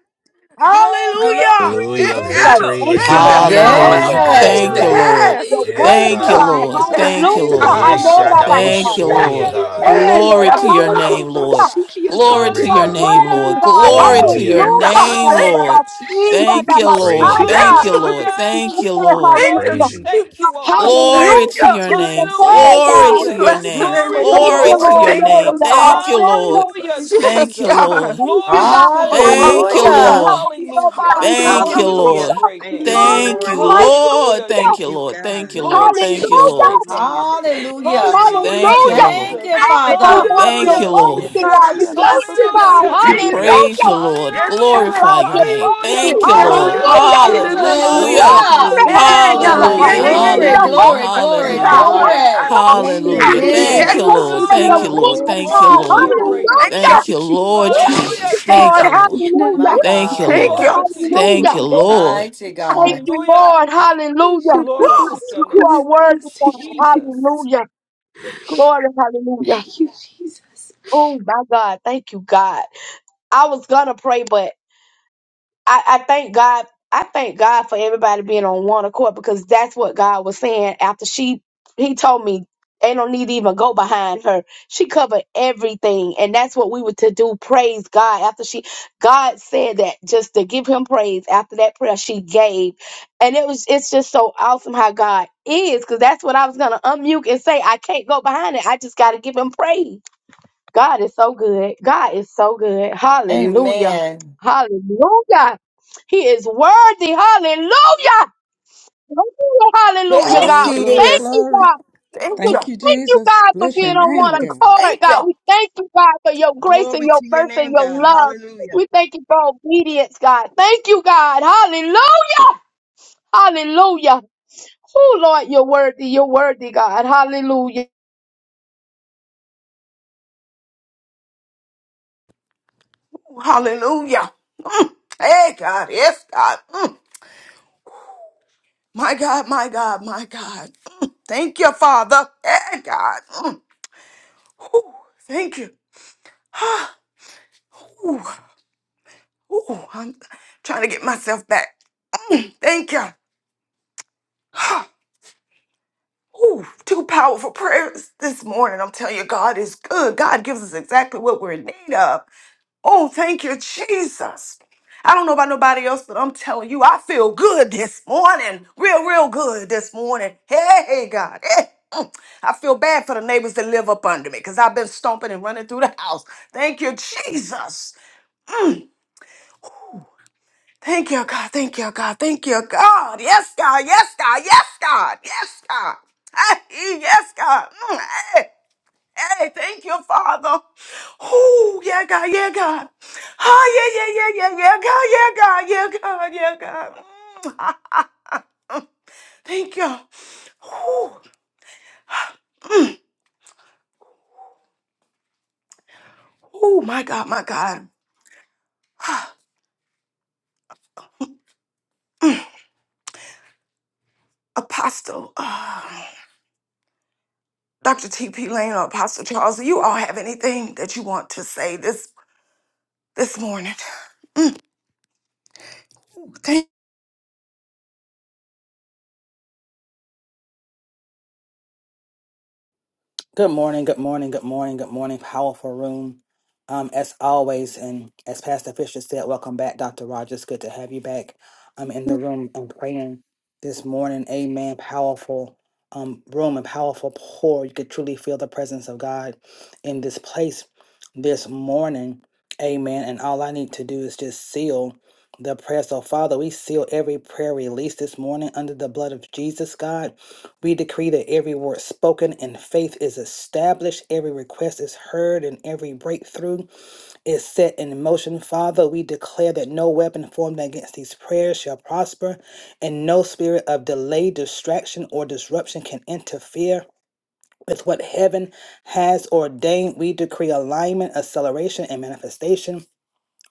Speaker 6: Glory.
Speaker 3: Hallelujah.
Speaker 5: glory,
Speaker 7: Hallelujah.
Speaker 4: Thank
Speaker 8: Hallelujah.
Speaker 4: you,
Speaker 5: glory,
Speaker 3: Yeah.
Speaker 4: Jesus.
Speaker 7: Victory
Speaker 8: Thank
Speaker 5: glory.
Speaker 7: is
Speaker 8: you,
Speaker 7: in
Speaker 3: Thank
Speaker 5: My
Speaker 3: you,
Speaker 7: the
Speaker 8: Lord.
Speaker 5: God, my
Speaker 3: Father.
Speaker 7: house.
Speaker 8: Glory.
Speaker 9: Hallelujah.
Speaker 6: Hallelujah.
Speaker 5: God,
Speaker 4: Thank
Speaker 2: Yes.
Speaker 9: Thank
Speaker 4: you,
Speaker 8: Hallelujah.
Speaker 9: you,
Speaker 7: Glory.
Speaker 5: today.
Speaker 9: Lord.
Speaker 4: God.
Speaker 3: Yes,
Speaker 8: You're
Speaker 7: Yes,
Speaker 3: thank
Speaker 9: Thank
Speaker 8: worthy,
Speaker 9: you,
Speaker 3: you.
Speaker 4: Hallelujah.
Speaker 5: Jesus,
Speaker 7: God.
Speaker 8: God.
Speaker 6: Glory.
Speaker 9: Lord.
Speaker 5: Jesus,
Speaker 9: Thank
Speaker 3: Yes,
Speaker 9: you,
Speaker 8: Hallelujah.
Speaker 5: Jesus,
Speaker 9: Lord.
Speaker 7: Yes,
Speaker 3: God.
Speaker 6: Quiero
Speaker 5: Jesus.
Speaker 3: Woo.
Speaker 5: Thank
Speaker 6: robo
Speaker 5: you,
Speaker 9: Thank you,
Speaker 8: Hallelujah.
Speaker 5: Lord.
Speaker 3: Yeah,
Speaker 7: Shadabosoye,
Speaker 6: siete
Speaker 4: Thank
Speaker 9: Lord.
Speaker 6: no
Speaker 4: you,
Speaker 7: God.
Speaker 8: Thank
Speaker 6: robo
Speaker 3: yeah,
Speaker 8: you,
Speaker 4: Jesus.
Speaker 9: Glory
Speaker 8: Lord.
Speaker 9: to
Speaker 6: quiero
Speaker 3: Yes,
Speaker 9: your
Speaker 6: robo
Speaker 3: Father.
Speaker 9: name,
Speaker 8: Hallelujah.
Speaker 9: Lord.
Speaker 6: shata.
Speaker 9: Glory
Speaker 8: You
Speaker 7: Glory,
Speaker 9: to your
Speaker 8: are
Speaker 7: God.
Speaker 9: name,
Speaker 8: worthy,
Speaker 9: Lord.
Speaker 6: Hallelujah.
Speaker 8: God.
Speaker 9: Glory to
Speaker 3: Woo,
Speaker 9: your
Speaker 3: yeah,
Speaker 7: Hallelujah.
Speaker 8: Hallelujah.
Speaker 3: God.
Speaker 9: name,
Speaker 3: Thank you,
Speaker 9: Lord.
Speaker 8: Hallelujah.
Speaker 6: Glory.
Speaker 3: Jesus.
Speaker 9: Thank you,
Speaker 7: Praise
Speaker 9: Lord.
Speaker 7: you,
Speaker 3: Thank
Speaker 9: Thank you,
Speaker 7: God.
Speaker 3: you.
Speaker 6: Hallelujah.
Speaker 9: Lord. Thank you, Lord.
Speaker 3: Thank
Speaker 6: Lord,
Speaker 3: you,
Speaker 8: Hallelujah.
Speaker 7: Praise
Speaker 6: we
Speaker 7: you.
Speaker 6: thank you
Speaker 3: Jesus.
Speaker 6: on this
Speaker 3: Thank
Speaker 9: Glory
Speaker 6: morning.
Speaker 9: to
Speaker 8: Hallelujah,
Speaker 3: you.
Speaker 9: your
Speaker 8: Jesus.
Speaker 9: name.
Speaker 6: Hallelujah,
Speaker 8: Hey,
Speaker 9: Glory
Speaker 4: Thank
Speaker 8: God.
Speaker 3: We
Speaker 4: you,
Speaker 9: to
Speaker 6: Jesus.
Speaker 9: your
Speaker 3: Bless the
Speaker 9: name.
Speaker 4: God.
Speaker 3: name
Speaker 6: Glory
Speaker 3: of the
Speaker 6: to
Speaker 8: Thank
Speaker 9: Glory
Speaker 8: you,
Speaker 6: your
Speaker 9: to
Speaker 3: Lord.
Speaker 8: Lord.
Speaker 9: your
Speaker 6: great
Speaker 3: Thank you,
Speaker 9: name.
Speaker 6: name.
Speaker 8: Hallelujah.
Speaker 9: Thank you,
Speaker 3: Father.
Speaker 4: Thank you,
Speaker 9: Lord.
Speaker 6: Hallelujah,
Speaker 4: Jesus.
Speaker 3: Yes,
Speaker 9: Thank you,
Speaker 6: Jesus.
Speaker 3: God.
Speaker 9: Lord.
Speaker 8: Thank you,
Speaker 6: Glory
Speaker 8: God.
Speaker 6: to
Speaker 3: Ooh,
Speaker 6: your
Speaker 4: Thank
Speaker 8: Hallelujah.
Speaker 6: name.
Speaker 4: you,
Speaker 9: Thank
Speaker 4: Jesus. Thank
Speaker 9: you,
Speaker 4: you,
Speaker 3: hallelujah.
Speaker 2: Hallelujah.
Speaker 9: Lord.
Speaker 6: Hallelujah.
Speaker 8: Hallelujah.
Speaker 9: Thank you,
Speaker 3: Hallelujah.
Speaker 6: Glory to
Speaker 1: Hallelujah.
Speaker 6: your
Speaker 9: Lord.
Speaker 6: great
Speaker 1: Thank you,
Speaker 6: name.
Speaker 9: Thank
Speaker 1: Lord.
Speaker 9: you,
Speaker 3: Hallelujah.
Speaker 9: Lord.
Speaker 6: Hallelujah,
Speaker 8: Hallelujah.
Speaker 9: Thank
Speaker 1: Thank
Speaker 9: you,
Speaker 6: Jesus.
Speaker 1: you,
Speaker 3: Oh,
Speaker 9: Lord.
Speaker 1: God.
Speaker 9: Thank you,
Speaker 3: hallelujah,
Speaker 9: Lord.
Speaker 6: Glory to
Speaker 9: Thank you,
Speaker 6: your
Speaker 3: Jesus.
Speaker 9: Lord.
Speaker 3: Oh,
Speaker 6: great name.
Speaker 1: Hallelujah.
Speaker 8: Hallelujah.
Speaker 1: Bless your
Speaker 2: Hallelujah.
Speaker 1: name,
Speaker 6: Hallelujah,
Speaker 9: Thank
Speaker 1: God.
Speaker 10: man
Speaker 8: Hallelujah.
Speaker 9: you,
Speaker 1: Bless
Speaker 9: Lord.
Speaker 1: your
Speaker 2: Thank
Speaker 3: hallelujah.
Speaker 6: Jesus.
Speaker 10: of
Speaker 2: you,
Speaker 1: name.
Speaker 3: Thank
Speaker 10: God.
Speaker 8: Oh
Speaker 3: you.
Speaker 2: Father.
Speaker 8: God, you're
Speaker 9: Thank
Speaker 6: Hallelujah,
Speaker 9: you,
Speaker 1: Glory to your
Speaker 9: Lord.
Speaker 3: Oh,
Speaker 8: worthy,
Speaker 1: name,
Speaker 6: Jesus.
Speaker 3: God, I
Speaker 8: God.
Speaker 1: God.
Speaker 8: We thank
Speaker 3: trust
Speaker 8: you,
Speaker 3: you,
Speaker 8: God.
Speaker 3: God.
Speaker 6: Hallelujah,
Speaker 9: We
Speaker 3: Thank you.
Speaker 6: Jesus.
Speaker 1: Hallelujah.
Speaker 9: praise
Speaker 8: Hallelujah.
Speaker 9: you, Lord.
Speaker 3: Yes,
Speaker 1: Thank
Speaker 8: Oh
Speaker 6: Hallelujah.
Speaker 3: God.
Speaker 9: Glorify
Speaker 8: God,
Speaker 9: your
Speaker 8: you're
Speaker 9: name.
Speaker 3: Ooh,
Speaker 8: worthy.
Speaker 6: Hallelujah.
Speaker 9: Thank you,
Speaker 3: Yes,
Speaker 9: Lord.
Speaker 3: God.
Speaker 8: Hallelujah.
Speaker 3: Thank
Speaker 1: you,
Speaker 6: Hallelujah.
Speaker 3: you,
Speaker 4: Lord
Speaker 1: Lord.
Speaker 3: Jesus.
Speaker 11: Glory
Speaker 8: Glory,
Speaker 9: Hallelujah.
Speaker 11: to your
Speaker 2: Hallelujah.
Speaker 6: Hallelujah.
Speaker 11: name.
Speaker 4: Jesus.
Speaker 3: Yeah,
Speaker 8: hallelujah. To
Speaker 3: God. Yeah,
Speaker 9: Hallelujah.
Speaker 3: yeah,
Speaker 4: Thank
Speaker 1: Hallelujah.
Speaker 3: yeah,
Speaker 2: Glory,
Speaker 4: you,
Speaker 8: the
Speaker 3: yeah,
Speaker 11: Hallelujah.
Speaker 6: Glory.
Speaker 9: Hallelujah.
Speaker 8: Holy
Speaker 2: glory,
Speaker 3: God. Yeah,
Speaker 8: Spirit,
Speaker 2: glory,
Speaker 1: Thank you,
Speaker 3: God.
Speaker 9: Hallelujah.
Speaker 8: God.
Speaker 3: Yeah,
Speaker 1: Lord.
Speaker 6: Glory.
Speaker 3: God.
Speaker 2: glory.
Speaker 11: Glory
Speaker 1: Thank
Speaker 8: Hallelujah.
Speaker 9: Hallelujah.
Speaker 3: Ah,
Speaker 1: you,
Speaker 11: glory,
Speaker 9: Thank
Speaker 1: Jesus.
Speaker 3: Yeah,
Speaker 2: Yes.
Speaker 9: you,
Speaker 8: Thank
Speaker 3: God.
Speaker 8: you
Speaker 9: Lord.
Speaker 8: for
Speaker 9: Thank
Speaker 8: your
Speaker 6: Hallelujah.
Speaker 9: you,
Speaker 1: Glory
Speaker 8: word,
Speaker 1: to
Speaker 9: Lord.
Speaker 1: your
Speaker 9: Thank
Speaker 1: name,
Speaker 9: you,
Speaker 6: Glory
Speaker 8: God.
Speaker 6: to
Speaker 1: God.
Speaker 9: Lord.
Speaker 6: your
Speaker 11: glory.
Speaker 6: great name.
Speaker 3: Thank you.
Speaker 8: Hallelujah.
Speaker 9: Thank you,
Speaker 11: Glory
Speaker 1: Glory
Speaker 9: Lord
Speaker 11: to
Speaker 3: Woo.
Speaker 1: to
Speaker 11: your
Speaker 1: your
Speaker 11: name.
Speaker 6: Hallelujah,
Speaker 1: name,
Speaker 9: Jesus.
Speaker 1: God.
Speaker 3: Thank
Speaker 9: Thank
Speaker 8: Lord,
Speaker 3: you.
Speaker 9: you,
Speaker 6: Jesus.
Speaker 9: Lord.
Speaker 8: hallelujah.
Speaker 2: My
Speaker 3: Woo.
Speaker 9: Thank you,
Speaker 1: Thank
Speaker 2: God.
Speaker 1: you.
Speaker 3: Thank you.
Speaker 9: Lord.
Speaker 6: Glory to your
Speaker 9: Thank
Speaker 8: Hallelujah.
Speaker 9: you,
Speaker 6: great name.
Speaker 3: Woo.
Speaker 9: Lord.
Speaker 2: Mighty
Speaker 8: Thank
Speaker 2: God.
Speaker 8: you,
Speaker 6: Hallelujah.
Speaker 8: Lord. Hallelujah.
Speaker 6: Glory to your name.
Speaker 8: You are worthy, God.
Speaker 6: Jesus.
Speaker 8: Hallelujah. Glory, hallelujah.
Speaker 4: Jesus.
Speaker 8: Oh my God. Thank you, God. I was gonna pray, but I, I thank God. I thank God for everybody being on one accord because that's what God was saying after she he told me ain't no need to even go behind her. She covered everything and that's what we were to do. Praise God. After she God said that just to give him praise after that prayer she gave. And it was it's just so awesome how God is because that's what I was gonna unmute and say. I can't go behind it. I just gotta give him praise. God is so good. God is so good. Hallelujah.
Speaker 2: Amen.
Speaker 8: Hallelujah. He is worthy. Hallelujah. Hallelujah, Hallelujah,
Speaker 3: Yes,
Speaker 5: Glory,
Speaker 8: God.
Speaker 3: He
Speaker 8: We
Speaker 5: glory,
Speaker 8: thank
Speaker 3: is.
Speaker 8: you,
Speaker 5: glory.
Speaker 8: God.
Speaker 3: Thank
Speaker 8: We
Speaker 5: Thank
Speaker 3: you.
Speaker 5: you,
Speaker 8: thank you,
Speaker 5: Jesus.
Speaker 8: God, for
Speaker 5: Bless your
Speaker 8: being on one
Speaker 5: name,
Speaker 3: Woo.
Speaker 5: God.
Speaker 8: accord,
Speaker 3: Thank
Speaker 8: God.
Speaker 3: you.
Speaker 8: We thank you, God, for your grace and
Speaker 1: Glory
Speaker 8: your
Speaker 1: to your
Speaker 8: mercy and
Speaker 1: name,
Speaker 8: your
Speaker 1: God.
Speaker 8: love.
Speaker 1: Hallelujah.
Speaker 8: We thank you for obedience, God. Thank you, God. Hallelujah. Hallelujah. Oh, Lord, you're worthy. You're worthy, God. Hallelujah.
Speaker 3: Hallelujah. Mm. Hey, God. Yes, God. Mm. My God, my God, my God. Mm. Thank you, Father. Hey, God. Mm. Whew. Thank you. Ooh, I'm trying to get myself back. Mm, Thank you. Ooh, two powerful prayers this morning. I'm telling you, God is good. God gives us exactly what we're in need of. Oh, thank you, Jesus. I don't know about nobody else, but I'm telling you, I feel good this morning. Real, real good this morning. Hey, God. Hey. mm. I feel bad for the neighbors that live up under me because I've been stomping and running through the house. Thank you, Jesus. Thank you, God. Thank you, God. Thank you, God. Yes, God. Yes, God. Yes, God. Yes, God. Hey, yes, God. Mm, Hey, hey, thank you, Father. Oh, yeah, God. Yeah, God. Oh, yeah, yeah, yeah, yeah, yeah, God. Yeah, God. Yeah, God. Yeah, God. Mm. Thank you. Oh, oh, my God. My God. Apostle. Uh, Dr. T.P. Lane or Apostle Charles, do you all have anything that you want to say this this morning?
Speaker 12: Good morning, good morning, good morning, good morning. Powerful room. Um, as always, and as Pastor Fisher said, welcome back, Dr. Rogers. Good to have you back um in the room and praying this morning. Amen. Powerful um room and powerful pour. You could truly feel the presence of God in this place this morning. Amen. And all I need to do is just seal the prayer. So, Father, we seal every prayer released this morning under the blood of Jesus, God. We decree that every word spoken in faith is established, every request is heard, and every breakthrough is set in motion. Father, we declare that no weapon formed against these prayers shall prosper, and no spirit of delay, distraction, or disruption can interfere. With what heaven has ordained, we decree alignment, acceleration, and manifestation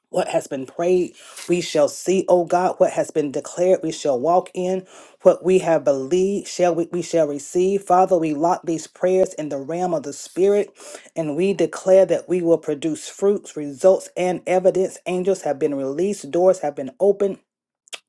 Speaker 12: what has been prayed, we shall see, O God. What has been declared, we shall walk in. What we have believed, shall we, we shall receive. Father, we lock these prayers in the realm of the Spirit, and we declare that we will produce fruits, results, and evidence. Angels have been released, doors have been opened.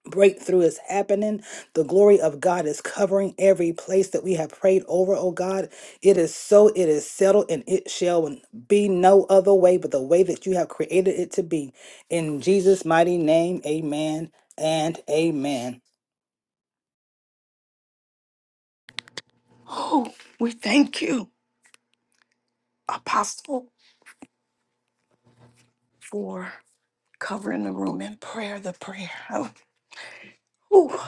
Speaker 12: Breakthrough is happening. The glory of God is covering every place that we have prayed over, oh God. It is so, it is settled, and it shall be no other way but the way that you have created it to be. In Jesus' mighty name, amen and amen.
Speaker 3: Oh, we thank you, Apostle, for covering the room in prayer, the prayer. Oh, ooh.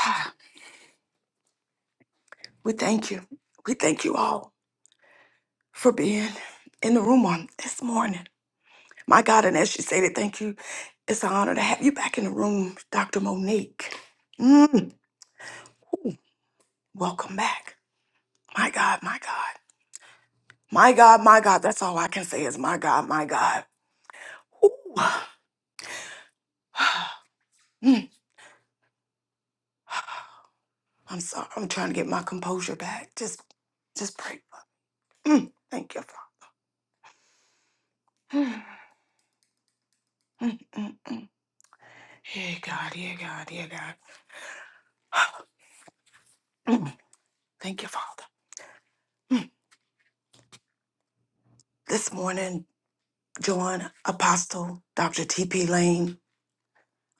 Speaker 3: Ah, we thank you. We thank you all for being in the room on this morning. My God, and as she said it, thank you. It's an honor to have you back in the room, Dr. Monique. Mm, ooh, welcome back. My God, my God. My God, my God. That's all I can say is my God, my God. Ooh. Mm. I'm sorry. I'm trying to get my composure back. Just, just pray. Mm, thank you, Father. Mm, mm, mm. Yeah, God. Yeah, God. Yeah, God. Mm, thank you, Father. This morning, join Apostle Dr. T.P. Lane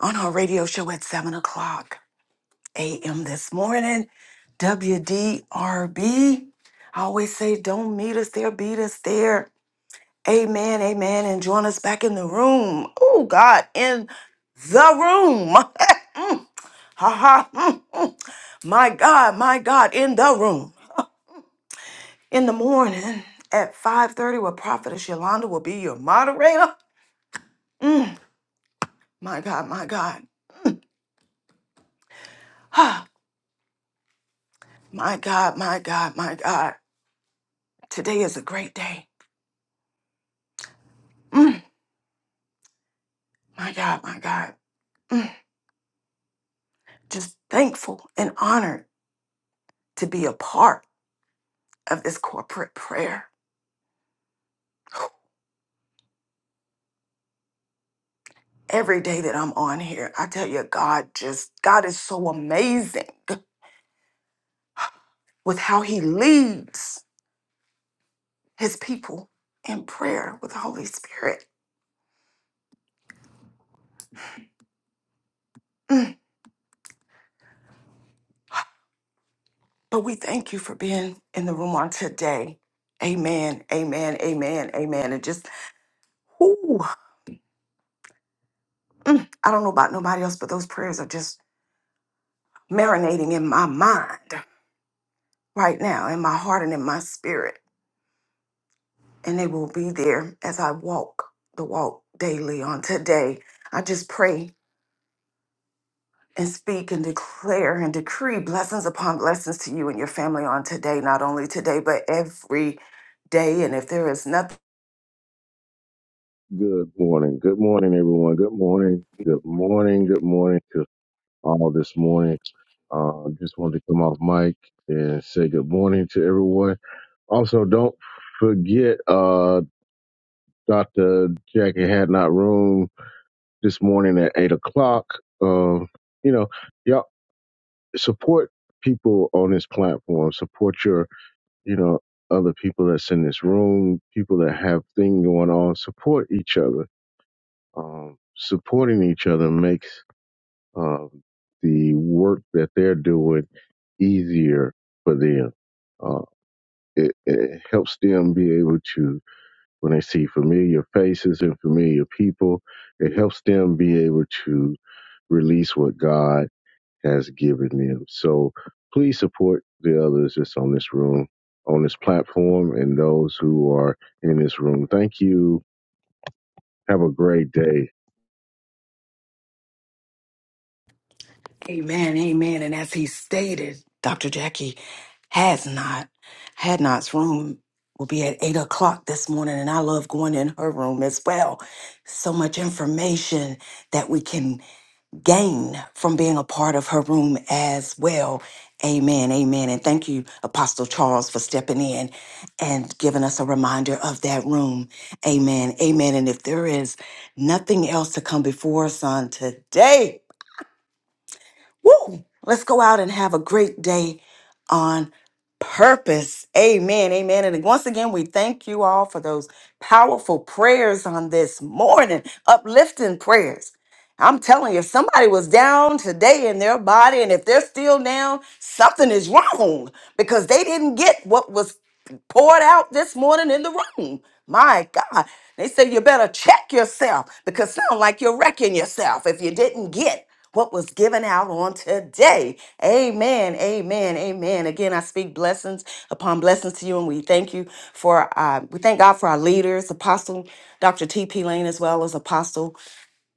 Speaker 3: on her radio show at 7 o'clock a.m. this morning. WDRB. I always say, don't meet us there, beat us there. Amen, amen. And join us back in the room. Oh, God, in the room. Mm, ha ha. mm, mm. My God, my God, in the room. In the morning at 5.30, where Prophetess Yolanda will be your moderator. Mm, my God, my God. Ah, my God, my God, my God. Today is a great day. Mm, my God, my God. Mm, just thankful and honored to be a part of this corporate prayer. every day that I'm on here, I tell you, God just, God is so amazing with how He leads His people in prayer with the Holy Spirit. Mm. But we thank you for being in the room on today. Amen, amen, amen, amen. And just, ooh, I don't know about nobody else, but those prayers are just marinating in my mind right now, in my heart and in my spirit. And they will be there as I walk the walk daily on today. I just pray and speak and declare and decree blessings upon blessings to you and your family on today, not only today, but every day. And if there is nothing,
Speaker 13: Good morning. Good morning, everyone. Good morning. Good morning. Good morning to all this morning. Uh, just wanted to come off mic and say good morning to everyone. Also, don't forget, uh, Dr. Jackie had not room this morning at eight o'clock. Um, you know, y'all support people on this platform, support your, you know, other people that's in this room, people that have thing going on, support each other um, supporting each other makes um, the work that they're doing easier for them. Uh, it, it helps them be able to, when they see familiar faces and familiar people, it helps them be able to release what God has given them. So please support the others that's on this room, on this platform, and those who are in this room. Thank you. Have a great day.
Speaker 3: Amen, amen. And as he stated, Dr. Jackie has not. Had not's room will be at eight o'clock this morning, and I love going in her room as well. So much information that we can gain from being a part of her room as well. Amen, amen. And thank you, Apostle Charles, for stepping in and giving us a reminder of that room. Amen, amen. And if there is nothing else to come before us on today, Woo! Let's go out and have a great day on purpose. Amen. Amen. And once again, we thank you all for those powerful prayers on this morning, uplifting prayers. I'm telling you, if somebody was down today in their body, and if they're still down, something is wrong because they didn't get what was poured out this morning in the room. My God. They say you better check yourself because sound like you're wrecking yourself if you didn't get what was given out on today. Amen. Amen. Amen. Again, I speak blessings upon blessings to you, and we thank you for uh, we thank God for our leaders, Apostle Dr. T.P. Lane, as well as Apostle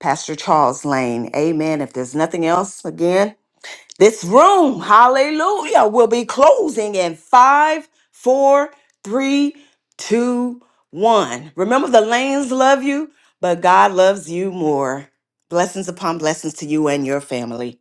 Speaker 3: Pastor Charles Lane. Amen. If there's nothing else, again. This room, hallelujah, will be closing in five, four, three, two, one. Remember, the lanes love you, but God loves you more. Blessings upon blessings to you and your family.